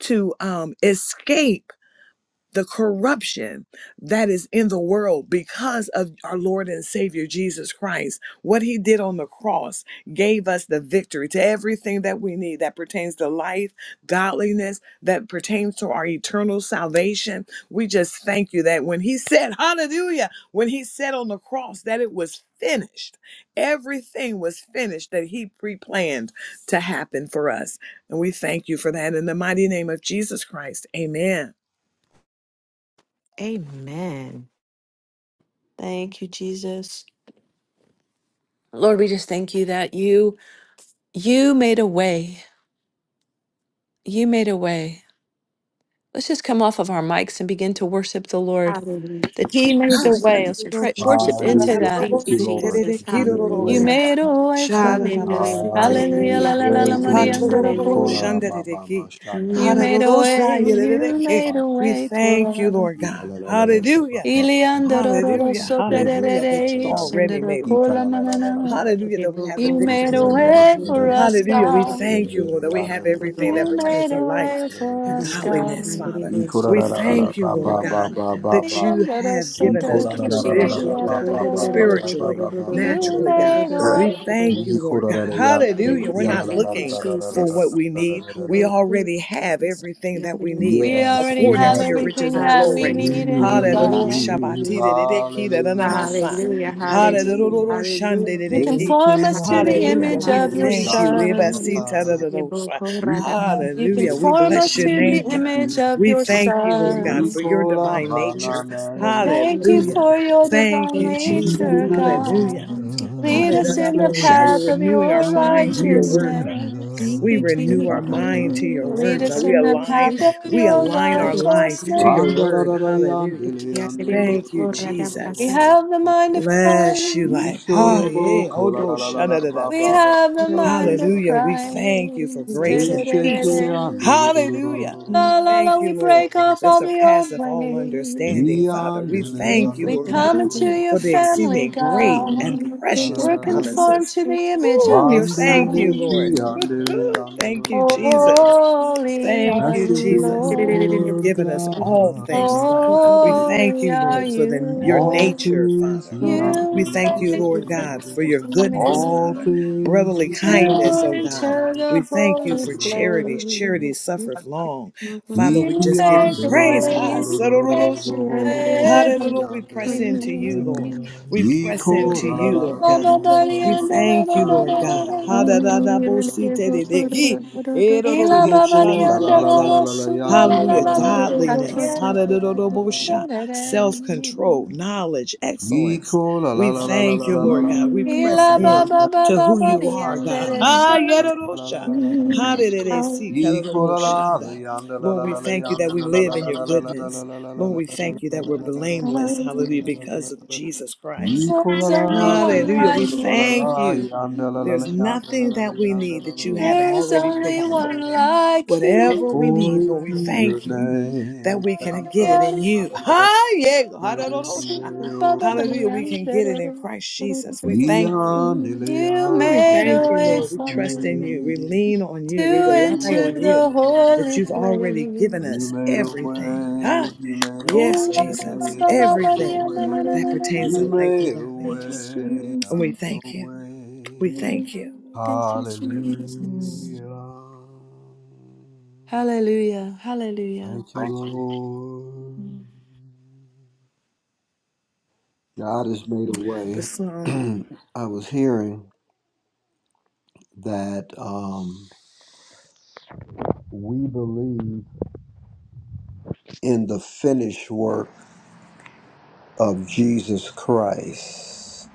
[SPEAKER 2] to um escape the corruption that is in the world because of our Lord and Savior Jesus Christ. What he did on the cross gave us the victory to everything that we need that pertains to life, godliness, that pertains to our eternal salvation. We just thank you that when he said, Hallelujah, when he said on the cross that it was finished, everything was finished that he pre planned to happen for us. And we thank you for that in the mighty name of Jesus Christ. Amen.
[SPEAKER 5] amen
[SPEAKER 1] Thank you, Jesus. Lord, we just thank you that you you made a way. You made a way. Let's just come off of our mics and begin to worship the Lord.
[SPEAKER 5] Hallelujah.
[SPEAKER 1] That He made
[SPEAKER 2] We
[SPEAKER 1] the
[SPEAKER 5] Thank
[SPEAKER 1] way. Let's
[SPEAKER 5] Jesus.
[SPEAKER 1] pray,
[SPEAKER 2] thank
[SPEAKER 5] Thank you,
[SPEAKER 1] worship into
[SPEAKER 4] Hallelujah.
[SPEAKER 5] Jesus.
[SPEAKER 1] that.
[SPEAKER 5] Thank
[SPEAKER 4] Thank
[SPEAKER 5] you,
[SPEAKER 4] you, Lord,
[SPEAKER 5] Jesus.
[SPEAKER 4] that you made a
[SPEAKER 1] You
[SPEAKER 4] way.
[SPEAKER 5] Hallelujah.
[SPEAKER 1] made a
[SPEAKER 4] Father.
[SPEAKER 1] way for us.
[SPEAKER 5] Hallelujah.
[SPEAKER 1] Hallelujah,
[SPEAKER 4] Hallelujah.
[SPEAKER 1] la
[SPEAKER 5] Hallelujah.
[SPEAKER 1] la la la,
[SPEAKER 4] Glory to your
[SPEAKER 1] Maria
[SPEAKER 5] Hallelujah.
[SPEAKER 1] under the
[SPEAKER 4] name. We call
[SPEAKER 5] Hallelujah.
[SPEAKER 4] out our
[SPEAKER 1] Andaroko.
[SPEAKER 4] Baba Mashanda.
[SPEAKER 1] You
[SPEAKER 5] Mm.
[SPEAKER 1] made a way,
[SPEAKER 4] Hallelujah.
[SPEAKER 1] you made
[SPEAKER 4] Father.
[SPEAKER 1] a way for
[SPEAKER 2] you,
[SPEAKER 1] us.
[SPEAKER 2] Lord
[SPEAKER 4] La,
[SPEAKER 2] God.
[SPEAKER 4] la, la, la, la, la, ba,
[SPEAKER 2] Hallelujah.
[SPEAKER 4] ba, ba,
[SPEAKER 1] Iliandororo
[SPEAKER 4] ba,
[SPEAKER 2] Hallelujah.
[SPEAKER 4] ba, yonder. Cool, la, la,
[SPEAKER 2] Hallelujah.
[SPEAKER 4] la, la,
[SPEAKER 2] That
[SPEAKER 4] la, la,
[SPEAKER 2] you've
[SPEAKER 1] soterere,
[SPEAKER 4] yonder, la,
[SPEAKER 2] already
[SPEAKER 4] la,
[SPEAKER 2] made a way.
[SPEAKER 1] sendoroko
[SPEAKER 4] kita,
[SPEAKER 1] la
[SPEAKER 4] la, la, la, la, la, la,
[SPEAKER 1] manana.
[SPEAKER 4] la, la.
[SPEAKER 2] Hallelujah. That we have the
[SPEAKER 1] You
[SPEAKER 5] Hallelujah.
[SPEAKER 2] victory
[SPEAKER 4] Ika,
[SPEAKER 1] made
[SPEAKER 4] la,
[SPEAKER 1] a
[SPEAKER 2] in
[SPEAKER 4] la,
[SPEAKER 2] you.
[SPEAKER 4] la, la,
[SPEAKER 1] way
[SPEAKER 4] la,
[SPEAKER 1] for us,
[SPEAKER 2] Hallelujah. We
[SPEAKER 1] God.
[SPEAKER 2] thank you, Lord, that we
[SPEAKER 4] la, la, la, la, la, la, la, la, la,
[SPEAKER 2] have
[SPEAKER 4] yonder, la, la,
[SPEAKER 2] everything
[SPEAKER 4] cool,
[SPEAKER 2] that
[SPEAKER 1] You
[SPEAKER 4] la, la, la, la, la, la,
[SPEAKER 2] pertains
[SPEAKER 1] made
[SPEAKER 2] to
[SPEAKER 1] a
[SPEAKER 2] life
[SPEAKER 1] way for
[SPEAKER 2] and
[SPEAKER 4] la,
[SPEAKER 1] us,
[SPEAKER 4] la, la, la.
[SPEAKER 2] godliness,
[SPEAKER 1] God.
[SPEAKER 2] Father.
[SPEAKER 4] Ika, la,
[SPEAKER 2] We
[SPEAKER 4] la, la, la, la,
[SPEAKER 2] thank you,
[SPEAKER 4] ba,
[SPEAKER 2] Lord
[SPEAKER 4] ba, ba,
[SPEAKER 2] God,
[SPEAKER 1] Oh,
[SPEAKER 4] ba, ba,
[SPEAKER 2] that
[SPEAKER 1] Maria
[SPEAKER 4] ba.
[SPEAKER 2] you
[SPEAKER 1] Andoro
[SPEAKER 2] have given
[SPEAKER 4] Ika,
[SPEAKER 2] us
[SPEAKER 1] sotere
[SPEAKER 4] la,
[SPEAKER 2] the
[SPEAKER 4] la, la, la,
[SPEAKER 2] provision,
[SPEAKER 1] kishikiri,
[SPEAKER 4] la, la,
[SPEAKER 2] oh
[SPEAKER 4] ba,
[SPEAKER 2] God,
[SPEAKER 4] ba, ba,
[SPEAKER 1] arararara.
[SPEAKER 4] ba, ba, ba,
[SPEAKER 2] spiritually,
[SPEAKER 4] ba, ba, ba, ba.
[SPEAKER 1] You
[SPEAKER 2] naturally, God.
[SPEAKER 1] made a
[SPEAKER 4] Yes,
[SPEAKER 2] We
[SPEAKER 1] way.
[SPEAKER 2] thank
[SPEAKER 4] we
[SPEAKER 2] you, Lord God.
[SPEAKER 4] have
[SPEAKER 5] Thank
[SPEAKER 2] Hallelujah. We're not
[SPEAKER 5] you,
[SPEAKER 2] looking for what we need. We already have everything that we
[SPEAKER 5] Jesus.
[SPEAKER 2] need
[SPEAKER 1] We already
[SPEAKER 2] according
[SPEAKER 1] have
[SPEAKER 2] to your
[SPEAKER 4] it.
[SPEAKER 2] riches
[SPEAKER 1] everything
[SPEAKER 2] and
[SPEAKER 1] that we
[SPEAKER 2] glory.
[SPEAKER 4] We
[SPEAKER 1] need
[SPEAKER 5] Hallelujah,
[SPEAKER 1] in you,
[SPEAKER 5] hallelujah,
[SPEAKER 2] Hallelujah.
[SPEAKER 1] God.
[SPEAKER 4] need
[SPEAKER 5] hallelujah,
[SPEAKER 2] Shabbatidididiki,
[SPEAKER 4] hallelujah.
[SPEAKER 2] da-da-da-ma-sa.
[SPEAKER 5] hallelujah,
[SPEAKER 1] You
[SPEAKER 2] Hallelujah.
[SPEAKER 5] hallelujah,
[SPEAKER 4] Take
[SPEAKER 2] Shandididiki.
[SPEAKER 1] conform
[SPEAKER 4] it
[SPEAKER 1] us to
[SPEAKER 4] under
[SPEAKER 1] the
[SPEAKER 5] hallelujah, hallelujah,
[SPEAKER 2] Hallelujah.
[SPEAKER 1] image
[SPEAKER 2] We
[SPEAKER 1] of your
[SPEAKER 5] hallelujah.
[SPEAKER 2] thank
[SPEAKER 4] ocean.
[SPEAKER 2] you.
[SPEAKER 5] Thank you, Jesus.
[SPEAKER 1] Son.
[SPEAKER 5] Thank you,
[SPEAKER 2] Ebasitadadadosha.
[SPEAKER 5] Boko
[SPEAKER 4] We
[SPEAKER 5] Rada.
[SPEAKER 4] have
[SPEAKER 1] You
[SPEAKER 4] it.
[SPEAKER 2] Hallelujah. We
[SPEAKER 1] conform
[SPEAKER 2] bless
[SPEAKER 1] us
[SPEAKER 2] your
[SPEAKER 1] to the
[SPEAKER 2] name, God.
[SPEAKER 1] image of
[SPEAKER 2] We
[SPEAKER 1] your
[SPEAKER 2] thank you, Lord
[SPEAKER 4] We
[SPEAKER 2] God,
[SPEAKER 1] Son.
[SPEAKER 2] for
[SPEAKER 5] Jesus,
[SPEAKER 2] your
[SPEAKER 4] call our
[SPEAKER 2] divine nature.
[SPEAKER 4] manana.
[SPEAKER 5] Jesus,
[SPEAKER 1] We
[SPEAKER 5] Thank you,
[SPEAKER 1] thank you
[SPEAKER 5] Jesus.
[SPEAKER 2] Hallelujah.
[SPEAKER 1] for your
[SPEAKER 2] Thank
[SPEAKER 1] divine
[SPEAKER 2] you,
[SPEAKER 5] Thank
[SPEAKER 4] You
[SPEAKER 5] you,
[SPEAKER 2] Jesus.
[SPEAKER 1] nature,
[SPEAKER 4] will
[SPEAKER 5] Jesus.
[SPEAKER 1] God.
[SPEAKER 2] Hallelujah.
[SPEAKER 5] Thank
[SPEAKER 4] love,
[SPEAKER 1] Lead
[SPEAKER 4] you
[SPEAKER 1] us
[SPEAKER 5] you,
[SPEAKER 2] Hallelujah.
[SPEAKER 1] in the
[SPEAKER 4] say,
[SPEAKER 1] path
[SPEAKER 2] We're
[SPEAKER 1] of
[SPEAKER 2] renewing our
[SPEAKER 1] your
[SPEAKER 2] mind to
[SPEAKER 4] you
[SPEAKER 2] your
[SPEAKER 5] Jesus.
[SPEAKER 2] word, God.
[SPEAKER 1] righteousness.
[SPEAKER 5] Thank
[SPEAKER 2] We
[SPEAKER 5] you,
[SPEAKER 2] renew our mind to your
[SPEAKER 5] Jesus.
[SPEAKER 1] Lead
[SPEAKER 2] word, God.
[SPEAKER 1] us
[SPEAKER 2] We
[SPEAKER 1] in the
[SPEAKER 2] align,
[SPEAKER 1] path
[SPEAKER 5] Hallelujah.
[SPEAKER 1] of
[SPEAKER 4] will
[SPEAKER 2] we
[SPEAKER 1] your
[SPEAKER 2] align
[SPEAKER 4] love,
[SPEAKER 5] Thank
[SPEAKER 2] our
[SPEAKER 5] you,
[SPEAKER 2] life to
[SPEAKER 1] righteousness.
[SPEAKER 2] your
[SPEAKER 4] Blessed be
[SPEAKER 5] Hallelujah.
[SPEAKER 2] word. Hallelujah.
[SPEAKER 5] Thank you,
[SPEAKER 2] Thank you,
[SPEAKER 5] Boko Rada.
[SPEAKER 1] We
[SPEAKER 2] Jesus.
[SPEAKER 5] Thank
[SPEAKER 1] have the mind of
[SPEAKER 2] Bless you,
[SPEAKER 1] Christ.
[SPEAKER 2] like, hi, yeah, odo shana da da
[SPEAKER 1] We
[SPEAKER 2] see.
[SPEAKER 1] have the mind of
[SPEAKER 2] Hallelujah. We thank you for
[SPEAKER 1] Christ.
[SPEAKER 5] you,
[SPEAKER 2] grace and
[SPEAKER 5] Jesus.
[SPEAKER 2] peace.
[SPEAKER 1] Da-da-da-da-da.
[SPEAKER 2] Hallelujah.
[SPEAKER 1] Ooh,
[SPEAKER 5] Thank
[SPEAKER 1] La la
[SPEAKER 5] you.
[SPEAKER 1] la,
[SPEAKER 2] Thank you,
[SPEAKER 1] we
[SPEAKER 2] Lord.
[SPEAKER 1] break off
[SPEAKER 2] That
[SPEAKER 1] all the old
[SPEAKER 2] surpasseth all
[SPEAKER 1] ways.
[SPEAKER 2] understanding, Father. We thank you,
[SPEAKER 1] We
[SPEAKER 2] Lord
[SPEAKER 1] come
[SPEAKER 2] God,
[SPEAKER 1] into your
[SPEAKER 2] for the
[SPEAKER 1] family,
[SPEAKER 2] exceedingly great and
[SPEAKER 1] God.
[SPEAKER 2] precious
[SPEAKER 1] We're conformed
[SPEAKER 2] promises.
[SPEAKER 1] to the image
[SPEAKER 2] Ooh,
[SPEAKER 1] of
[SPEAKER 2] we
[SPEAKER 1] your
[SPEAKER 2] thank you, Lord.
[SPEAKER 1] Son.
[SPEAKER 2] Thank you, Jesus.
[SPEAKER 1] Holy
[SPEAKER 2] Thank
[SPEAKER 1] are
[SPEAKER 2] you,
[SPEAKER 1] you,
[SPEAKER 4] the
[SPEAKER 2] Jesus.
[SPEAKER 1] Lord.
[SPEAKER 2] You've
[SPEAKER 4] Lord
[SPEAKER 2] given us all things,
[SPEAKER 4] God,
[SPEAKER 2] Lord. We thank
[SPEAKER 1] Holy
[SPEAKER 2] you,
[SPEAKER 1] are
[SPEAKER 2] Lord, for
[SPEAKER 1] you,
[SPEAKER 2] the, your
[SPEAKER 4] all
[SPEAKER 1] Lord.
[SPEAKER 2] nature,
[SPEAKER 4] things
[SPEAKER 2] Father. We
[SPEAKER 1] You
[SPEAKER 2] thank you, Lord
[SPEAKER 1] made a
[SPEAKER 4] he
[SPEAKER 2] God, for
[SPEAKER 1] way
[SPEAKER 2] your
[SPEAKER 1] for
[SPEAKER 2] goodness,
[SPEAKER 4] All
[SPEAKER 2] Father,
[SPEAKER 1] me
[SPEAKER 4] things
[SPEAKER 2] brotherly kindness,
[SPEAKER 1] to
[SPEAKER 2] oh God.
[SPEAKER 1] enter
[SPEAKER 2] We
[SPEAKER 1] the
[SPEAKER 2] thank you
[SPEAKER 1] holy
[SPEAKER 2] for charities. Charity
[SPEAKER 1] place.
[SPEAKER 2] suffereth long.
[SPEAKER 4] Ikiande,
[SPEAKER 2] Father, we
[SPEAKER 1] You
[SPEAKER 2] just give
[SPEAKER 1] made
[SPEAKER 2] you
[SPEAKER 4] Ikiande,
[SPEAKER 1] a
[SPEAKER 2] praise. Ha,
[SPEAKER 1] way, you made
[SPEAKER 2] sarorosha.
[SPEAKER 1] a
[SPEAKER 2] Hallelujah. We press into you, Lord.
[SPEAKER 1] way.
[SPEAKER 2] We
[SPEAKER 4] Ikiande,
[SPEAKER 2] press into you, Lord
[SPEAKER 1] Ba,
[SPEAKER 2] God.
[SPEAKER 1] ba, ba, dee,
[SPEAKER 2] We
[SPEAKER 1] um, da, da,
[SPEAKER 2] thank you,
[SPEAKER 1] da, da,
[SPEAKER 2] Lord
[SPEAKER 1] da, da,
[SPEAKER 2] God.
[SPEAKER 1] da,
[SPEAKER 2] Ha,
[SPEAKER 1] da.
[SPEAKER 2] da, da, da, bo, si, te, de, de, ki.
[SPEAKER 1] Ee, la,
[SPEAKER 2] Erororo
[SPEAKER 1] ba,
[SPEAKER 4] Iko,
[SPEAKER 1] ba, dee,
[SPEAKER 4] Iko, la
[SPEAKER 1] um,
[SPEAKER 4] la
[SPEAKER 1] da,
[SPEAKER 4] la
[SPEAKER 1] da,
[SPEAKER 4] la la
[SPEAKER 2] shandararaka.
[SPEAKER 1] da,
[SPEAKER 4] la la
[SPEAKER 1] su, la,
[SPEAKER 4] yando,
[SPEAKER 1] la,
[SPEAKER 4] la la
[SPEAKER 1] la,
[SPEAKER 2] Hallelujah.
[SPEAKER 4] la la la
[SPEAKER 1] la, la,
[SPEAKER 4] la la la la
[SPEAKER 1] la, la, la
[SPEAKER 2] Godliness.
[SPEAKER 4] la la la la la la
[SPEAKER 2] Hallelujah.
[SPEAKER 1] la la la la
[SPEAKER 4] yando.
[SPEAKER 2] Self
[SPEAKER 1] la
[SPEAKER 2] control, knowledge, excellence.
[SPEAKER 4] Iko, la la
[SPEAKER 2] We
[SPEAKER 4] la la la
[SPEAKER 2] thank
[SPEAKER 4] la
[SPEAKER 2] you,
[SPEAKER 4] la la
[SPEAKER 2] Lord
[SPEAKER 4] la la
[SPEAKER 2] God. We press
[SPEAKER 1] Ila ba
[SPEAKER 2] in
[SPEAKER 1] ba ba
[SPEAKER 2] to
[SPEAKER 1] ba
[SPEAKER 2] who
[SPEAKER 1] ba
[SPEAKER 2] you
[SPEAKER 1] the
[SPEAKER 4] la
[SPEAKER 2] are,
[SPEAKER 4] la
[SPEAKER 1] end of
[SPEAKER 2] God.
[SPEAKER 1] the
[SPEAKER 4] yando,
[SPEAKER 2] Ha
[SPEAKER 4] la
[SPEAKER 1] shade.
[SPEAKER 4] la la la la la la
[SPEAKER 2] yerorosha.
[SPEAKER 5] Thank
[SPEAKER 4] la
[SPEAKER 5] you,
[SPEAKER 4] la la
[SPEAKER 5] Jesus.
[SPEAKER 4] la.
[SPEAKER 2] Hallelujah.
[SPEAKER 5] Thank you,
[SPEAKER 2] Karorobo
[SPEAKER 4] Equal la la
[SPEAKER 2] shanda.
[SPEAKER 4] yanda la
[SPEAKER 2] Lord,
[SPEAKER 4] la
[SPEAKER 2] we
[SPEAKER 4] la la
[SPEAKER 2] thank you that
[SPEAKER 4] yanda
[SPEAKER 2] we
[SPEAKER 4] la la la
[SPEAKER 2] live in
[SPEAKER 4] la
[SPEAKER 2] your
[SPEAKER 4] la la la la
[SPEAKER 2] goodness.
[SPEAKER 4] la la la
[SPEAKER 2] Lord,
[SPEAKER 4] la
[SPEAKER 2] we thank you that we're blameless. Hallelujah. Because of
[SPEAKER 4] la
[SPEAKER 2] Jesus Christ.
[SPEAKER 4] Equal
[SPEAKER 1] There's
[SPEAKER 4] la
[SPEAKER 1] only
[SPEAKER 4] la
[SPEAKER 1] one
[SPEAKER 4] yanda
[SPEAKER 2] Hallelujah. We
[SPEAKER 1] like
[SPEAKER 2] thank
[SPEAKER 1] you.
[SPEAKER 2] you.
[SPEAKER 4] la la la la
[SPEAKER 2] There's
[SPEAKER 4] yanda la
[SPEAKER 2] nothing
[SPEAKER 4] la la yanda la la la
[SPEAKER 2] that we
[SPEAKER 4] yanda
[SPEAKER 2] need
[SPEAKER 4] la
[SPEAKER 2] that you haven't
[SPEAKER 4] la
[SPEAKER 1] There's
[SPEAKER 2] already
[SPEAKER 1] only
[SPEAKER 2] provided.
[SPEAKER 1] one like you.
[SPEAKER 2] Whatever we need,
[SPEAKER 4] Glory
[SPEAKER 2] Lord,
[SPEAKER 4] to
[SPEAKER 2] we
[SPEAKER 4] your
[SPEAKER 2] thank you that
[SPEAKER 4] name
[SPEAKER 2] we can
[SPEAKER 4] yanda la
[SPEAKER 2] get
[SPEAKER 4] la
[SPEAKER 2] it in
[SPEAKER 4] la
[SPEAKER 2] you.
[SPEAKER 4] la
[SPEAKER 2] Hi, yeah,
[SPEAKER 4] la la
[SPEAKER 2] hallelujah.
[SPEAKER 4] yanda
[SPEAKER 2] Hallelujah. We can get it in Christ Jesus. We
[SPEAKER 4] You made
[SPEAKER 2] thank
[SPEAKER 4] a way,
[SPEAKER 2] you.
[SPEAKER 4] you
[SPEAKER 1] You
[SPEAKER 2] Ooh, we
[SPEAKER 1] made
[SPEAKER 2] thank
[SPEAKER 1] a
[SPEAKER 2] you,
[SPEAKER 1] way
[SPEAKER 2] Lord. We
[SPEAKER 1] for
[SPEAKER 2] trust in you. We
[SPEAKER 1] me
[SPEAKER 2] lean on
[SPEAKER 1] to
[SPEAKER 2] you. We rely
[SPEAKER 1] enter
[SPEAKER 2] on you
[SPEAKER 1] the
[SPEAKER 2] that
[SPEAKER 1] holy
[SPEAKER 2] you've already
[SPEAKER 1] place.
[SPEAKER 2] given us
[SPEAKER 4] made a way, you made a
[SPEAKER 2] everything.
[SPEAKER 4] way,
[SPEAKER 2] Hi. Yes,
[SPEAKER 1] Ooh, la, la, la,
[SPEAKER 2] Jesus.
[SPEAKER 1] la, la, la, la,
[SPEAKER 2] Everything
[SPEAKER 1] la, la, la,
[SPEAKER 2] that
[SPEAKER 1] la, la,
[SPEAKER 2] pertains
[SPEAKER 1] la,
[SPEAKER 4] you
[SPEAKER 2] to
[SPEAKER 1] la.
[SPEAKER 2] life and
[SPEAKER 4] made a
[SPEAKER 2] godliness.
[SPEAKER 4] way
[SPEAKER 2] And
[SPEAKER 4] out
[SPEAKER 2] we
[SPEAKER 4] of no
[SPEAKER 2] thank you.
[SPEAKER 4] way.
[SPEAKER 2] We thank you. Mm,
[SPEAKER 5] Jesus.
[SPEAKER 4] Hallelujah.
[SPEAKER 1] Hallelujah. Hallelujah.
[SPEAKER 4] Thank you, Lord. God has made a way.
[SPEAKER 2] The song.
[SPEAKER 4] I was hearing that. um, We believe in the finished work of Jesus Christ.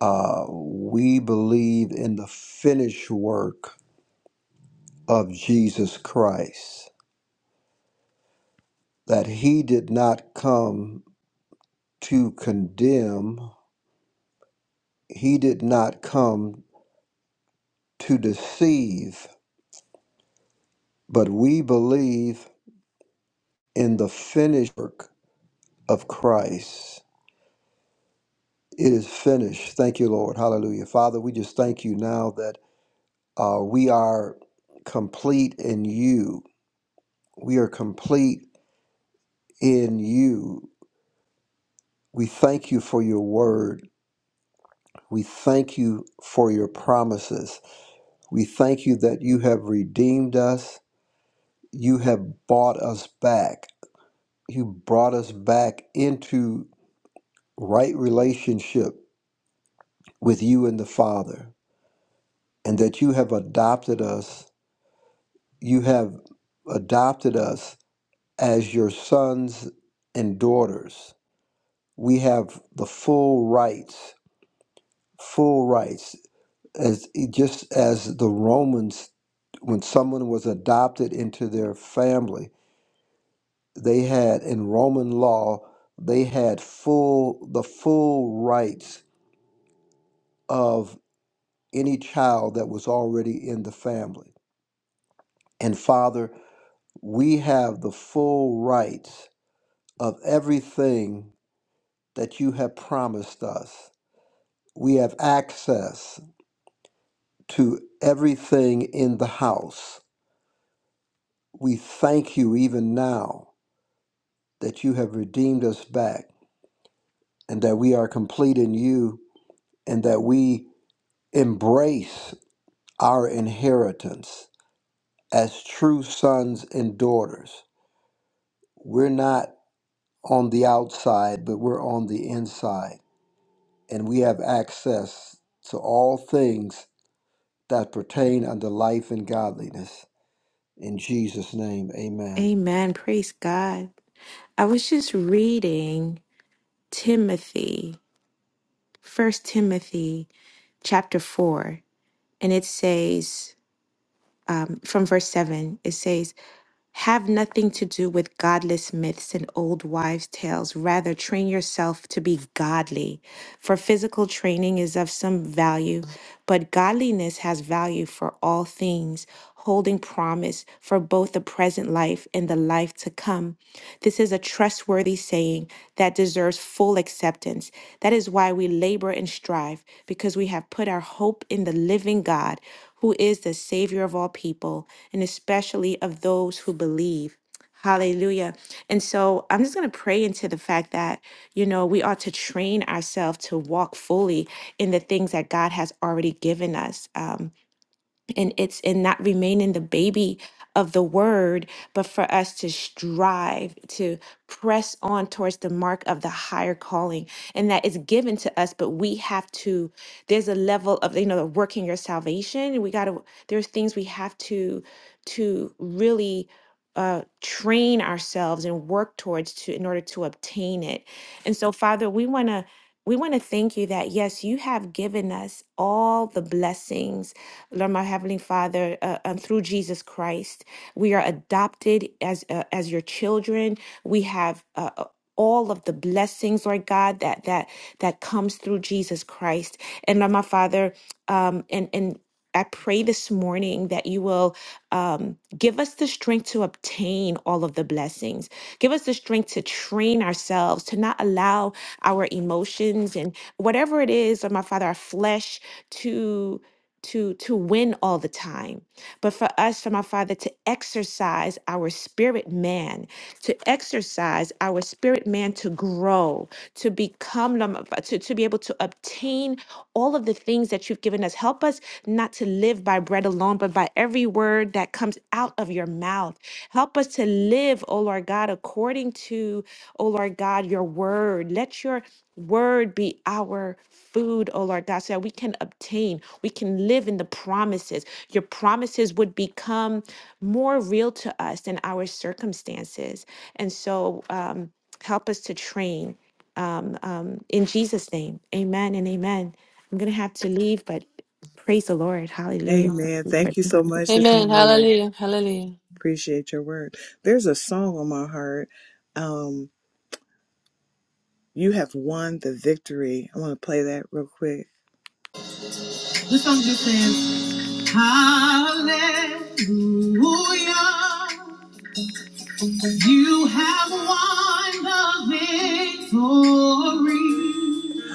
[SPEAKER 4] Uh, we believe in the finished work of Jesus Christ, that he did not come to condemn, he did not come to deceive, but we believe in the finished work of Christ. It is finished. Thank you, Lord. Hallelujah. Father, we just thank you now that. Uh, we are complete in you. We are complete in you. We thank you for your word. We thank you for your promises. We thank you that you have redeemed us. You have bought us back. You brought us back into right relationship with you and the Father, and that you have adopted us. You have adopted us as your sons and daughters we have the full rights, full rights, as just as the Romans, when someone was adopted into their family, they had in Roman law, they had full the full rights of any child that was already in the family. And Father, we have the full rights of everything that you have promised us. We have access to everything in the house. We thank you even now that you have redeemed us back and that we are complete in you and that we embrace our inheritance as true sons and daughters. We're not on the outside, but we're on the inside and we have access to all things that pertain unto life and godliness. In Jesus' name, amen.
[SPEAKER 5] Amen. Praise God. I was just reading Timothy, First Timothy chapter 4, and it says, um, from verse 7, it says, Have nothing to do with godless myths and old wives' tales. Rather, train yourself to be godly. For physical training is of some value, but godliness has value for all things, holding promise for both the present life and the life to come. This is a trustworthy saying that deserves full acceptance. That is why we labor and strive, because we have put our hope in the living God, who is the Savior of all people, and especially of those who believe. Hallelujah. And so I'm just going to pray into the fact that, you know, we ought to train ourselves to walk fully in the things that God has already given us. Um, and it's in not remaining the baby of the word, but for us to strive to press on towards the mark of the higher calling, and that is given to us. But we have to. There's a level of you know the working your salvation. We got to. There's things we have to to really uh, train ourselves and work towards to in order to obtain it. And so, Father, we want to. We want to thank you that yes, you have given us all the blessings Lord, my Heavenly Father, uh, um, through Jesus Christ, we are adopted as uh, as your children. We have. Uh, uh, all of the blessings, Lord God, that that that comes through Jesus Christ, and Lord, my Father, um, and and I pray this morning that you will um, give us the strength to obtain all of the blessings. Give us the strength to train ourselves to not allow our emotions and whatever it is of my father, our flesh to to to win all the time but for us for my father to exercise our spirit man to exercise our spirit man to grow to become num- to, to be able to obtain all of the things that you've given us help us not to live by bread alone but by every word that comes out of your mouth help us to live O lord god according to O lord god your word let your word be our food, oh Lord God, so that we can obtain, we can live in the promises. Your promises would become more real to us than our circumstances. And so um, help us to train um, um, in Jesus' name. Amen and amen. I'm going to have to leave, but praise the Lord. Hallelujah.
[SPEAKER 2] Amen. Thank you so much, Sister
[SPEAKER 1] Amen.
[SPEAKER 2] Maria.
[SPEAKER 1] Hallelujah. Hallelujah.
[SPEAKER 2] Appreciate your word. There's a song on my heart. Um, you have won the victory. I want to play that real quick.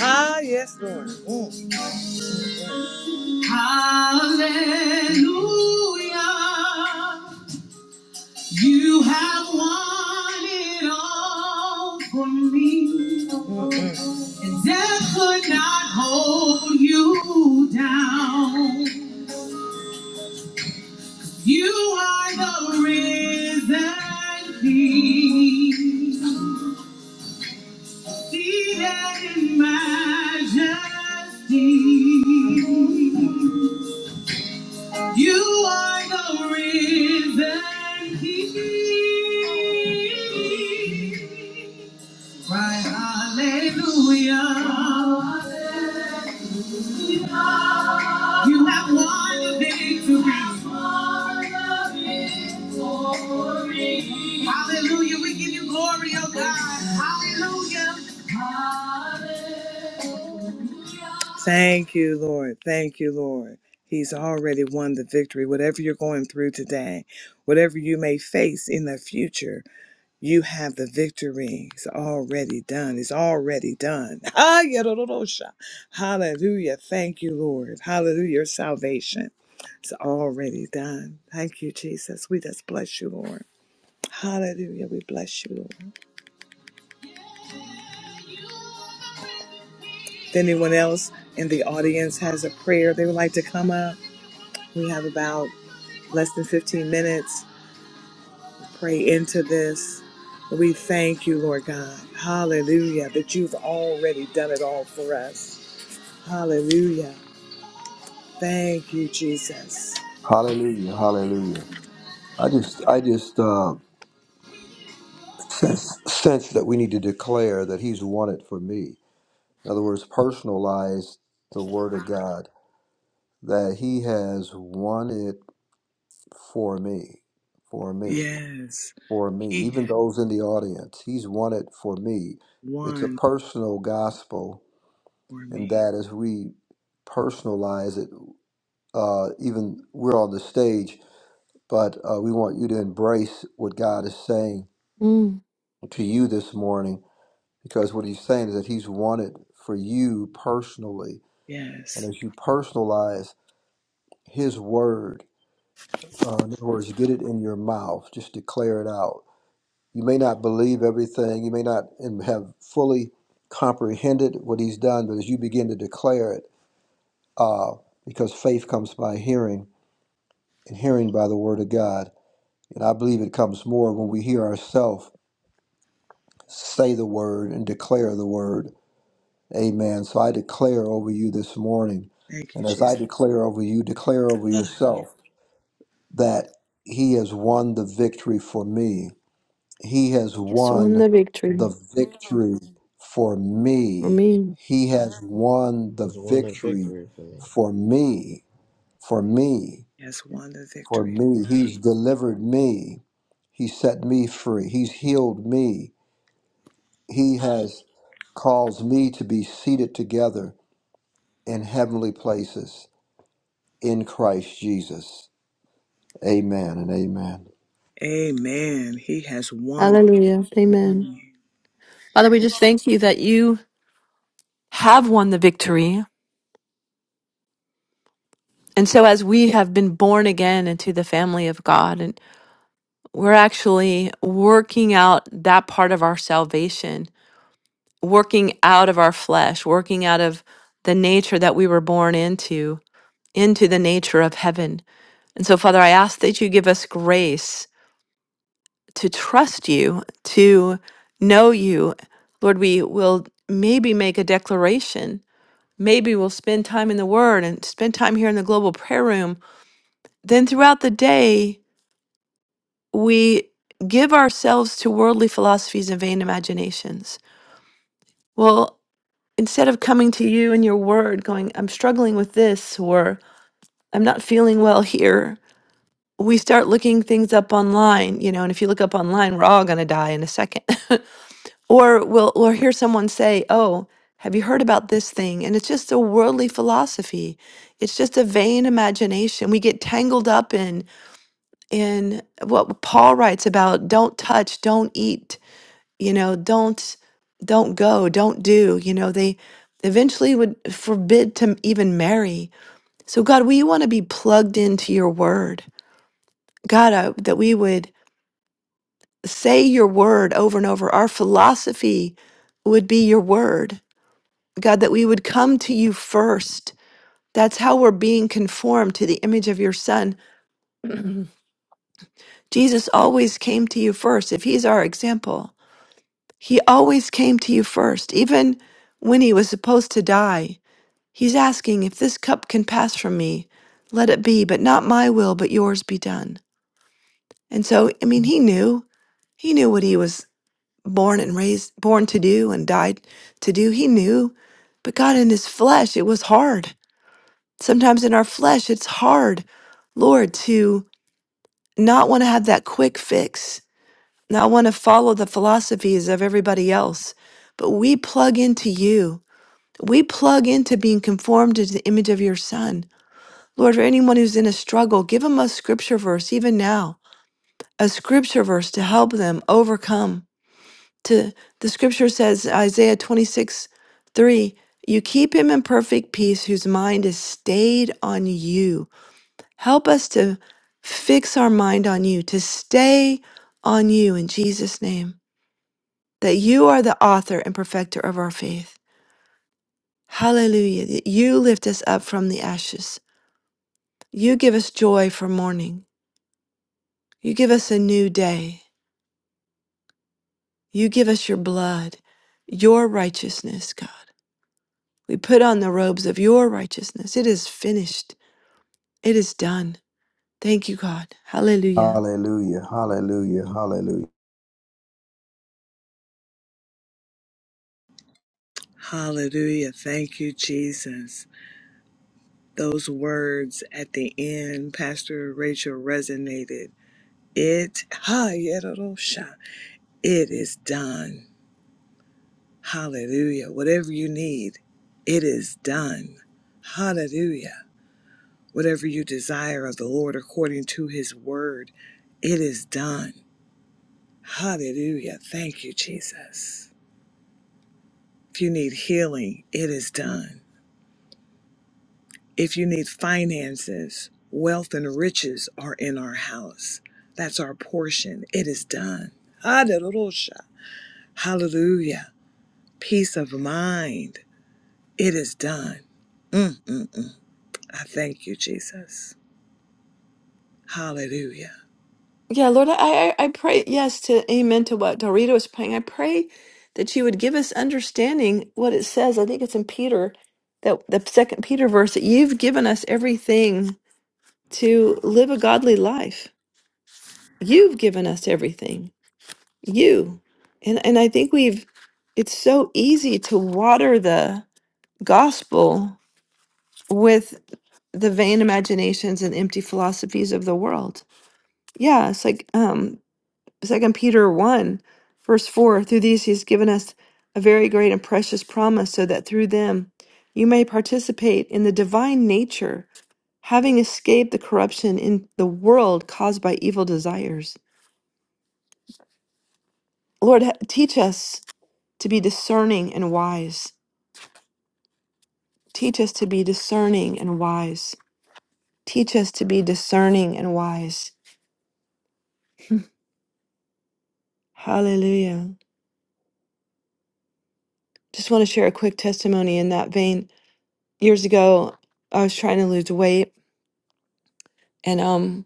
[SPEAKER 2] Ah, yes, Lord. Mm. it me. Mm-mm. And death could not hold you down. are the risen King. Seated in majesty. Thank you, Lord. Thank you, Lord. He's already won the victory. Whatever you're going through today, whatever you may face in the future, you have the victory. It's already done. It's already done. Ah, yadadadosha. Hallelujah. Thank you, Lord. Hallelujah. Your salvation. It's already done. Thank you, Jesus. We just bless you, Lord. Hallelujah. We bless you, Lord. If anyone else in the audience has a prayer they would like to come up, we have about less than 15 minutes. Pray into this. We thank you, Lord God. Hallelujah, that you've already done it all for us. Hallelujah. Thank you, Jesus.
[SPEAKER 4] Hallelujah, hallelujah. I just, I just uh, sense sense that we need to declare that He's won it for me. In other words, personalize the Word of God that He has won it for me, for me,
[SPEAKER 2] Yes,
[SPEAKER 4] for me.
[SPEAKER 2] He
[SPEAKER 4] Even
[SPEAKER 2] had
[SPEAKER 4] those in the audience, He's won it for me. It's a
[SPEAKER 2] won
[SPEAKER 4] personal gospel,
[SPEAKER 2] for
[SPEAKER 4] and
[SPEAKER 2] me.
[SPEAKER 4] that as we personalize it, uh, even we're on the stage, but uh, we want you to embrace what God is saying
[SPEAKER 1] Mm,
[SPEAKER 4] to you this morning Because what he's saying is that he's wanted for you personally. And
[SPEAKER 2] Yes,
[SPEAKER 4] as you personalize his word, uh, in other words, get it in your mouth, just declare it out. You may not believe everything, you may not and have fully comprehended what he's done, but as you begin to declare it, uh, because faith comes by hearing, and hearing by the word of God. And I believe it comes more when we hear ourselves say the word and declare the word. Amen. So I declare over you this morning,
[SPEAKER 2] thank you,
[SPEAKER 4] and as I
[SPEAKER 2] Jesus.
[SPEAKER 4] declare over you, declare over
[SPEAKER 2] Ah, yeah.
[SPEAKER 4] yourself that He has won the victory for me. He has won the victory for me. He has won the
[SPEAKER 3] Is one of
[SPEAKER 4] victory
[SPEAKER 3] victory for me.
[SPEAKER 4] for me, for me,
[SPEAKER 2] He has won the
[SPEAKER 4] for
[SPEAKER 2] victory for
[SPEAKER 4] me. He's
[SPEAKER 2] me.
[SPEAKER 4] delivered me. He set me free. He's healed me. He has caused me to be seated together in heavenly places. in Christ Jesus. Amen and amen.
[SPEAKER 2] Amen. He has won.
[SPEAKER 1] hallelujah. Amen. Father, we just thank you that you have won the victory. And so, as we have been born again into the family of God, and we're actually working out that part of our salvation, working out of our flesh, working out of the nature that we were born into, into the nature of heaven. And so, Father, I ask that you give us grace to trust you, to know you. Lord, we will maybe make a declaration. Maybe we'll spend time in the Word and spend time here in the global prayer room. Then throughout the day, we give ourselves to worldly philosophies and vain imaginations. Well, instead of coming to you and your Word, going, I'm struggling with this, or I'm not feeling well here, we start looking things up online, you know, and if you look up online, we're all going to die in a second. or we'll we'll hear someone say, "Oh, have you heard about this thing?" And it's just a worldly philosophy. It's just a vain imagination. We get tangled up in in what Paul writes about, don't touch, don't eat, you know, don't don't go, don't do, you know, they eventually would forbid to even marry. So God, we want to be plugged into your word. God, I, that we would say your word over and over. Our philosophy would be your word. God, that we would come to you first. That's how we're being conformed to the image of your son. Jesus always came to you first. If he's our example, he always came to you first. Even when he was supposed to die, he's asking, if this cup can pass from me, let it be, but not my will, but yours be done. And so, I mean, he knew. He knew what he was born and raised, born to do and died to do. He knew, but God, in his flesh, it was hard. Sometimes in our flesh, it's hard, Lord, to not want to have that quick fix, not want to follow the philosophies of everybody else. But we plug into you. We plug into being conformed to the image of your son. Lord, for anyone who's in a struggle, give them a scripture verse, even now, a scripture verse to help them overcome to the scripture says Isaiah 26 3 you keep him in perfect peace whose mind is stayed on you help us to fix our mind on you to stay on you in Jesus name that you are the author and perfecter of our faith hallelujah that you lift us up from the ashes you give us joy for mourning you give us a new day you give us your blood your righteousness god We put on the robes of your righteousness. It is finished. It is done. Thank you, God. Hallelujah.
[SPEAKER 4] Hallelujah. Hallelujah. Hallelujah.
[SPEAKER 2] Hallelujah. Thank you, Jesus. Those words at the end, Pastor Rachel, resonated It ha yerosha. It is done. Hallelujah. Whatever you need, it is done. Hallelujah. Whatever you desire of the Lord according to his word, it is done. Hallelujah. Thank you, Jesus. If you need healing, it is done. If you need finances, wealth and riches are in our house. That's our portion. It is done. Hallelujah. Hallelujah. peace of mind. It is done. Mm-mm-mm. I thank you, Jesus. Hallelujah.
[SPEAKER 1] Yeah, Lord, I, I, I pray, yes, to amen to what Dorito is praying. I pray that you would give us understanding what it says. I think it's in Peter, that the second Peter verse, that you've given us everything to live a godly life. You've given us everything. You. And and I think we've it's so easy to water the gospel with. the vain imaginations and empty philosophies of the world. Yeah, it's like um Second Peter one, verse four, through these he's given us a very great and precious promise, so that through them you may participate in the divine nature, having escaped the corruption in the world caused by evil desires. Lord, ha- teach us to be discerning and wise. Teach us to be discerning and wise. Teach us to be discerning and wise. Hallelujah. Just want to share a quick testimony in that vein. Years ago, I was trying to lose weight and um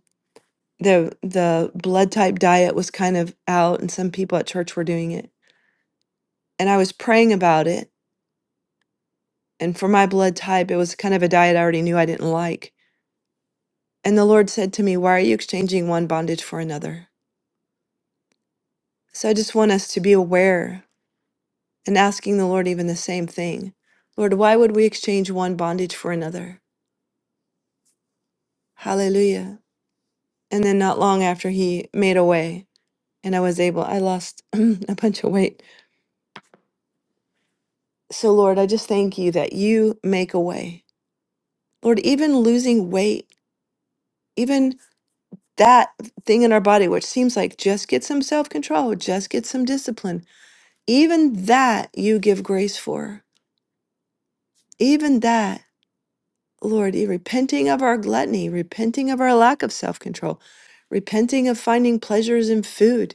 [SPEAKER 1] the the blood type diet was kind of out and some people at church were doing it. And I was praying about it. And for my blood type, it was kind of a diet I already knew I didn't like. And the Lord said to me, "Why are you exchanging one bondage for another?" So I just want us to be aware and asking the Lord even the same thing. Lord, why would we exchange one bondage for another? Hallelujah. And then not long after he made a way. and I was able, I lost a bunch of weight. So, Lord, I just thank you that you make a way. Lord, even losing weight, even that thing in our body, which seems like just get some self control, just get some discipline, even that you give grace for. Even that, Lord, you repenting of our gluttony, repenting of our lack of self control, repenting of finding pleasures in food,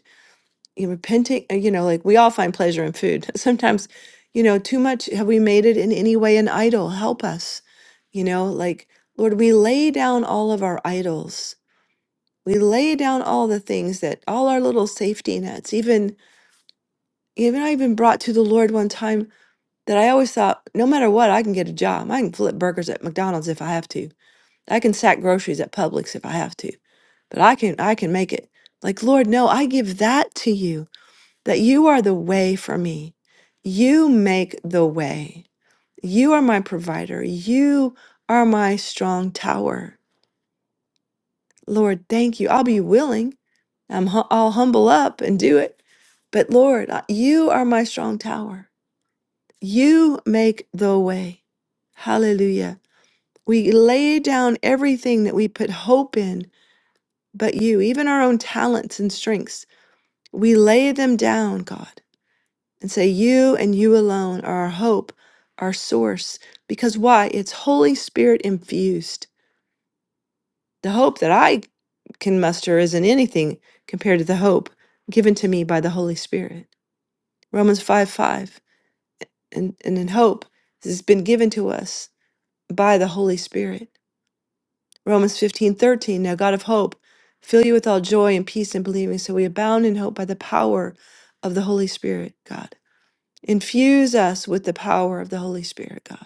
[SPEAKER 1] you repenting uh, you know like we all find pleasure in food sometimes you know too much have we made it in any way an idol help us you know like lord we lay down all of our idols we lay down all the things that all our little safety nets even even i even brought to the lord one time that i always thought no matter what i can get a job i can flip burgers at mcdonald's if i have to i can sack groceries at publix if i have to but i can i can make it like lord no i give that to you that you are the way for me. You make the way. You are my provider. You are my strong tower. Lord, thank you. I'll be willing. I'm hu- I'll humble up and do it. But Lord, I- you are my strong tower. You make the way. Hallelujah. We lay down everything that we put hope in, but you, even our own talents and strengths, we lay them down, God. and say, You and you alone are our hope, our source. Because why? It's Holy Spirit infused. The hope that I can muster isn't anything compared to the hope given to me by the Holy Spirit. Romans 5 5. And, and in hope, this has been given to us by the Holy Spirit. Romans fifteen thirteen. Now, God of hope, fill you with all joy and peace in believing, so we abound in hope by the power of the Holy Spirit, God. Infuse us with the power of the Holy Spirit, God.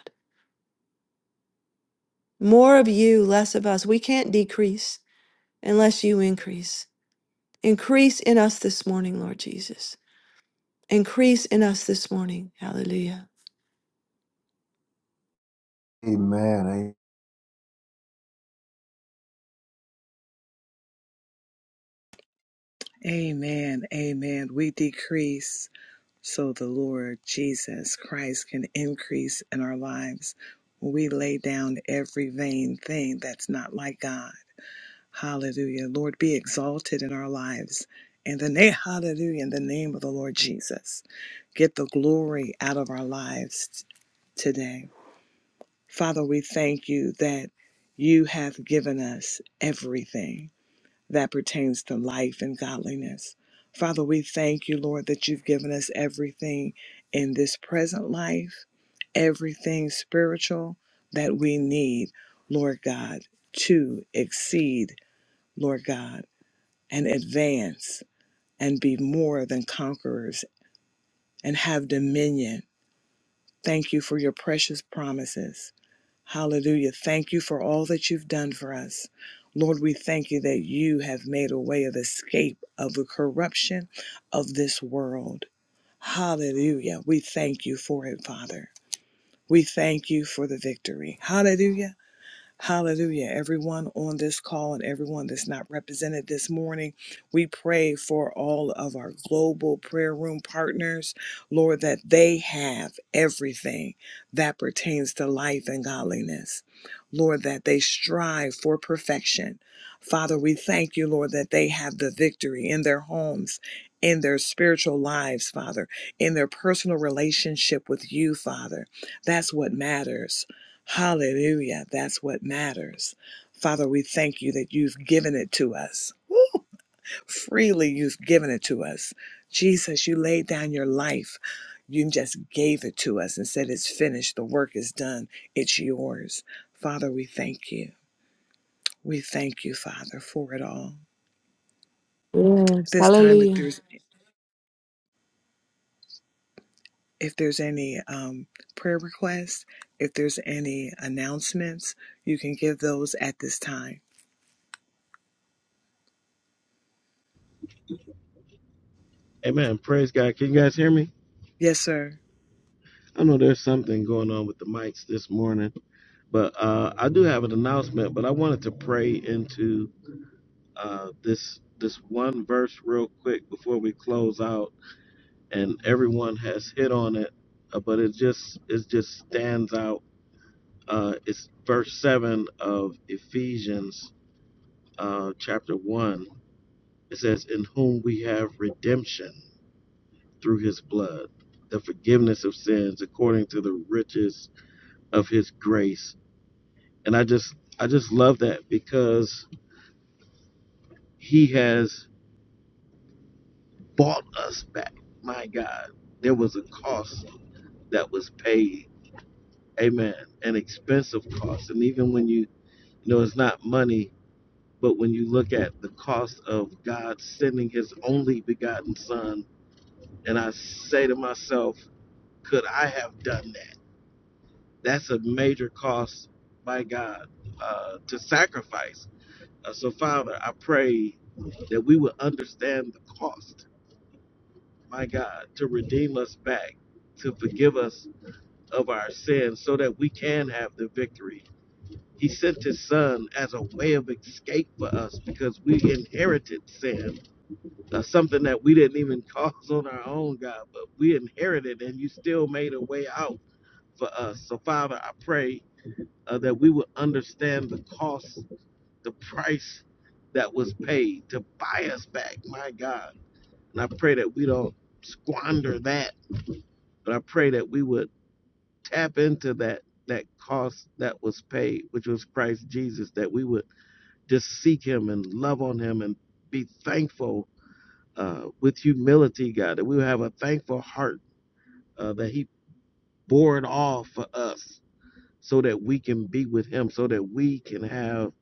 [SPEAKER 1] More of you, less of us. We can't decrease unless you increase. Increase in us this morning, Lord Jesus. Increase in us this morning. Hallelujah.
[SPEAKER 4] Amen.
[SPEAKER 2] Amen. Amen. We decrease so the Lord Jesus Christ can increase in our lives. We lay down every vain thing that's not like God. Hallelujah. Lord, be exalted in our lives. In the name, hallelujah, in the name of the Lord Jesus. Get the glory out of our lives t- today. Father, we thank you that you have given us everything that pertains to life and godliness. Father, we thank you, Lord, that you've given us everything in this present life, everything spiritual that we need, Lord God, to exceed, Lord God, and advance and be more than conquerors and have dominion. Thank you for your precious promises. Hallelujah. Thank you for all that you've done for us. Lord, we thank you that you have made a way of escape of the corruption of this world. Hallelujah. We thank you for it, Father. We thank you for the victory. Hallelujah. Hallelujah. Everyone on this call and everyone that's not represented this morning, we pray for all of our global prayer room partners, Lord, that they have everything that pertains to life and godliness. Lord, that they strive for perfection. Father, we thank you, Lord, that they have the victory in their homes, in their spiritual lives, Father, in their personal relationship with you, Father. That's what matters. Hallelujah. That's what matters. Father, we thank you that you've given it to us. Freely, you've given it to us. Jesus, you laid down your life. You just gave it to us and said, It's finished. The work is done. It's yours. Father, we thank you. We thank you, Father, for it all. At
[SPEAKER 1] Yes.
[SPEAKER 2] this time, if
[SPEAKER 1] Hallelujah.
[SPEAKER 2] there's if there's any um, prayer requests, if there's any announcements, you can give those at this time.
[SPEAKER 3] Amen. Praise God. Can you guys hear me?
[SPEAKER 2] Yes, sir.
[SPEAKER 3] I know there's something going on with the mics this morning, but uh, I do have an announcement. But I wanted to pray into. uh, this this one verse real quick before we close out, and everyone has hit on it, uh, but it just it just stands out. Uh, it's verse seven of Ephesians uh, chapter one. It says, "In whom we have redemption through His blood, the forgiveness of sins according to the riches of His grace." And I just I just love that because He has bought us back. My God, there was a cost that was paid. Amen. An expensive cost. And even when you, you know, it's not money, but when you look at the cost of God sending his only begotten son, and I say to myself, could I have done that? That's a major cost by God uh, to sacrifice. Uh, so, Father, I pray that we would understand the cost, my God, to redeem us back, to forgive us of our sins so that we can have the victory He sent his son as a way of escape for us because we inherited sin, uh, something that we didn't even cause on our own, God, but we inherited and you still made a way out for us. So, Father, I pray uh, that we would understand the cost, the price that was paid to buy us back, my God. And I pray that we don't squander that, but I pray that we would tap into that that cost that was paid, which was Christ Jesus, that we would Just seek Him and love on Him and be thankful uh, with humility, God, that we will have a thankful heart uh, that He bore it all for us so that we can be with Him, so that we can have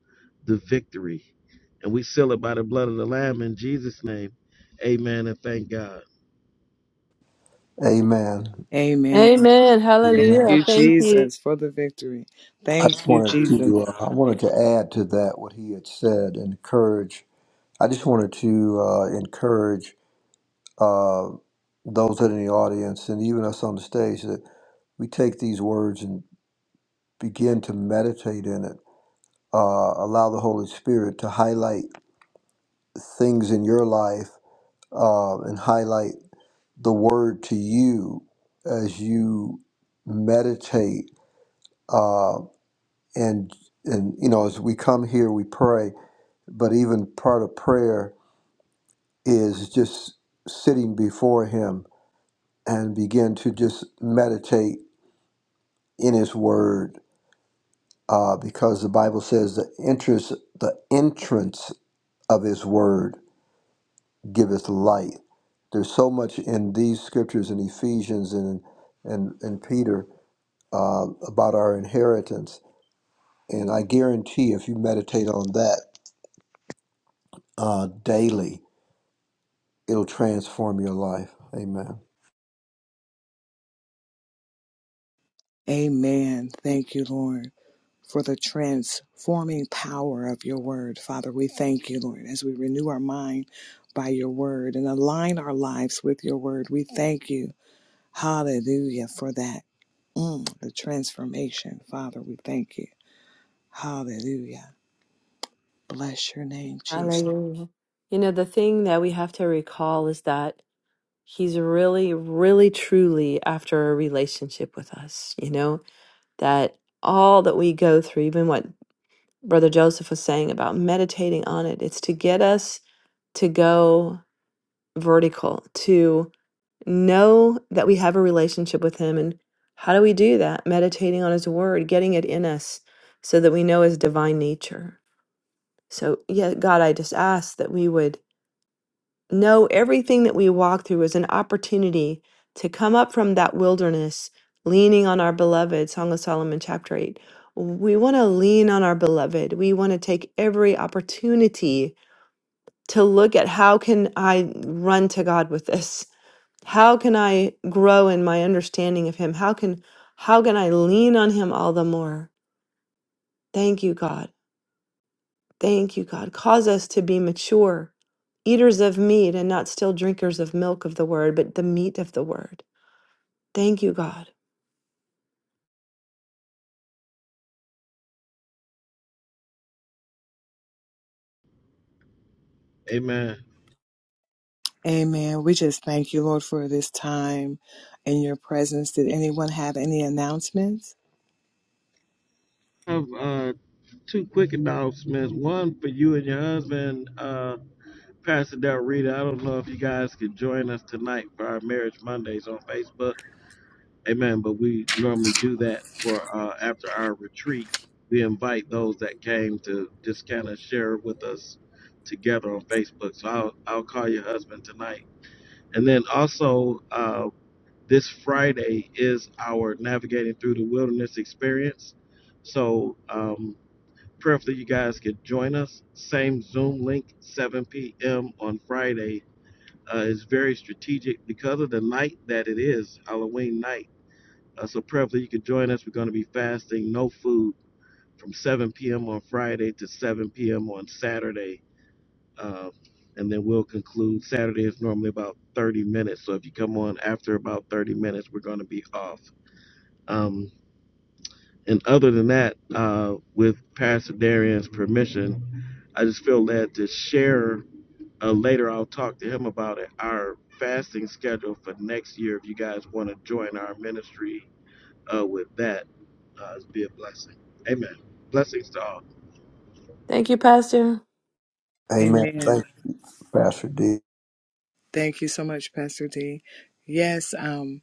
[SPEAKER 3] the victory. And we seal it by the blood of the Lamb in Jesus' name. Amen and thank God.
[SPEAKER 4] a- Amen.
[SPEAKER 2] Amen.
[SPEAKER 1] Amen.
[SPEAKER 2] Thank
[SPEAKER 4] Amen.
[SPEAKER 1] Hallelujah.
[SPEAKER 2] you,
[SPEAKER 1] Thank you.
[SPEAKER 2] Jesus, for the victory.
[SPEAKER 4] I just
[SPEAKER 2] Thank you,
[SPEAKER 4] wanted
[SPEAKER 2] Jesus.
[SPEAKER 4] to uh, I wanted to add to that what he had said and encourage. I just wanted to uh, encourage uh, those that are in the audience and even us on the stage that we take these words and begin to meditate in it. Uh, allow the Holy Spirit to highlight things in your life uh, and highlight the word to you as you meditate uh, and and you know as we come here we pray but even part of prayer is just sitting before him and begin to just meditate in his word uh, because the bible says the interest the entrance of his word giveth light there's so much in these scriptures in ephesians and and, and peter uh, about our inheritance. And I guarantee if you meditate on that uh, daily, it'll transform your life. Amen.
[SPEAKER 2] Amen. Thank you, Lord, for the transforming power of your word. Father, we thank you, Lord, as we renew our mind by your word and align our lives with your word. We thank you. Hallelujah for that. Mm, the transformation. Father, we thank you. Hallelujah. Bless your name, Jesus.
[SPEAKER 1] Hallelujah. You know, the thing that we have to recall is that He's really, really, truly after a relationship with us. You know, that all that we go through, even what Brother Joseph was saying about meditating on it, it's to get us to go vertical to know that we have a relationship with him and how do we do that meditating on his word getting it in us so that we know his divine nature so yeah god i just ask that we would know everything that we walk through is an opportunity to come up from that wilderness leaning on our beloved song of solomon chapter 8 we want to lean on our beloved we want to take every opportunity to look at how can i run to god with this how can i grow in my understanding of him how can how can i lean on him all the more thank you god thank you god cause us to be mature eaters of meat and not still drinkers of milk of the word but the meat of the word thank you god
[SPEAKER 3] Amen.
[SPEAKER 2] Amen. We just thank you, Lord, for this time in your presence. Did anyone have any announcements?
[SPEAKER 3] I have uh, two quick announcements. One for you and your husband, uh, Pastor Del Rita. I don't know if you guys could join us tonight for our Marriage Mondays on Facebook Amen. But we normally do that for uh, after our retreat. We invite those that came to just kind of share with us together on Facebook. So I'll, I'll call your husband tonight. And then also, uh, this Friday is our Navigating Through the Wilderness experience. So um, prayerfully, you guys could join us. Same Zoom link, 7 p.m. on Friday. Uh, it's very strategic because of the night that it is, Halloween night uh, so preferably, you can join us. We're going to be fasting no food from 7 p.m. on Friday to 7 p.m. on Saturday. Um, and then we'll conclude. Saturday is normally about 30 minutes. So if you come on after about 30 minutes, we're going to be off. Um, and other than that, uh, with Pastor Darian's permission, I just feel led to share. Uh, later, I'll talk to him about it. Our fasting schedule for next year, if you guys want to join our ministry uh, with that. Uh, it's be a blessing. Amen. Blessings to all.
[SPEAKER 4] Amen.
[SPEAKER 2] Amen.
[SPEAKER 4] Thank you, Pastor D.
[SPEAKER 2] Thank you so much, Pastor D. Yes, um,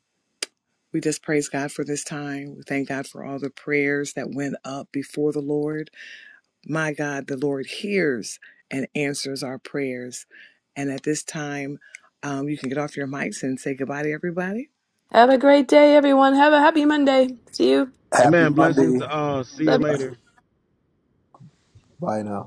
[SPEAKER 2] we just praise God for this time. We thank God for all the prayers that went up before the Lord. My God, the Lord hears and answers our prayers. And at this time, um, you can get off your mics and say goodbye to everybody.
[SPEAKER 4] Happy
[SPEAKER 3] Amen. Blessings
[SPEAKER 4] Monday.
[SPEAKER 3] to all. See you later.
[SPEAKER 4] Bye now.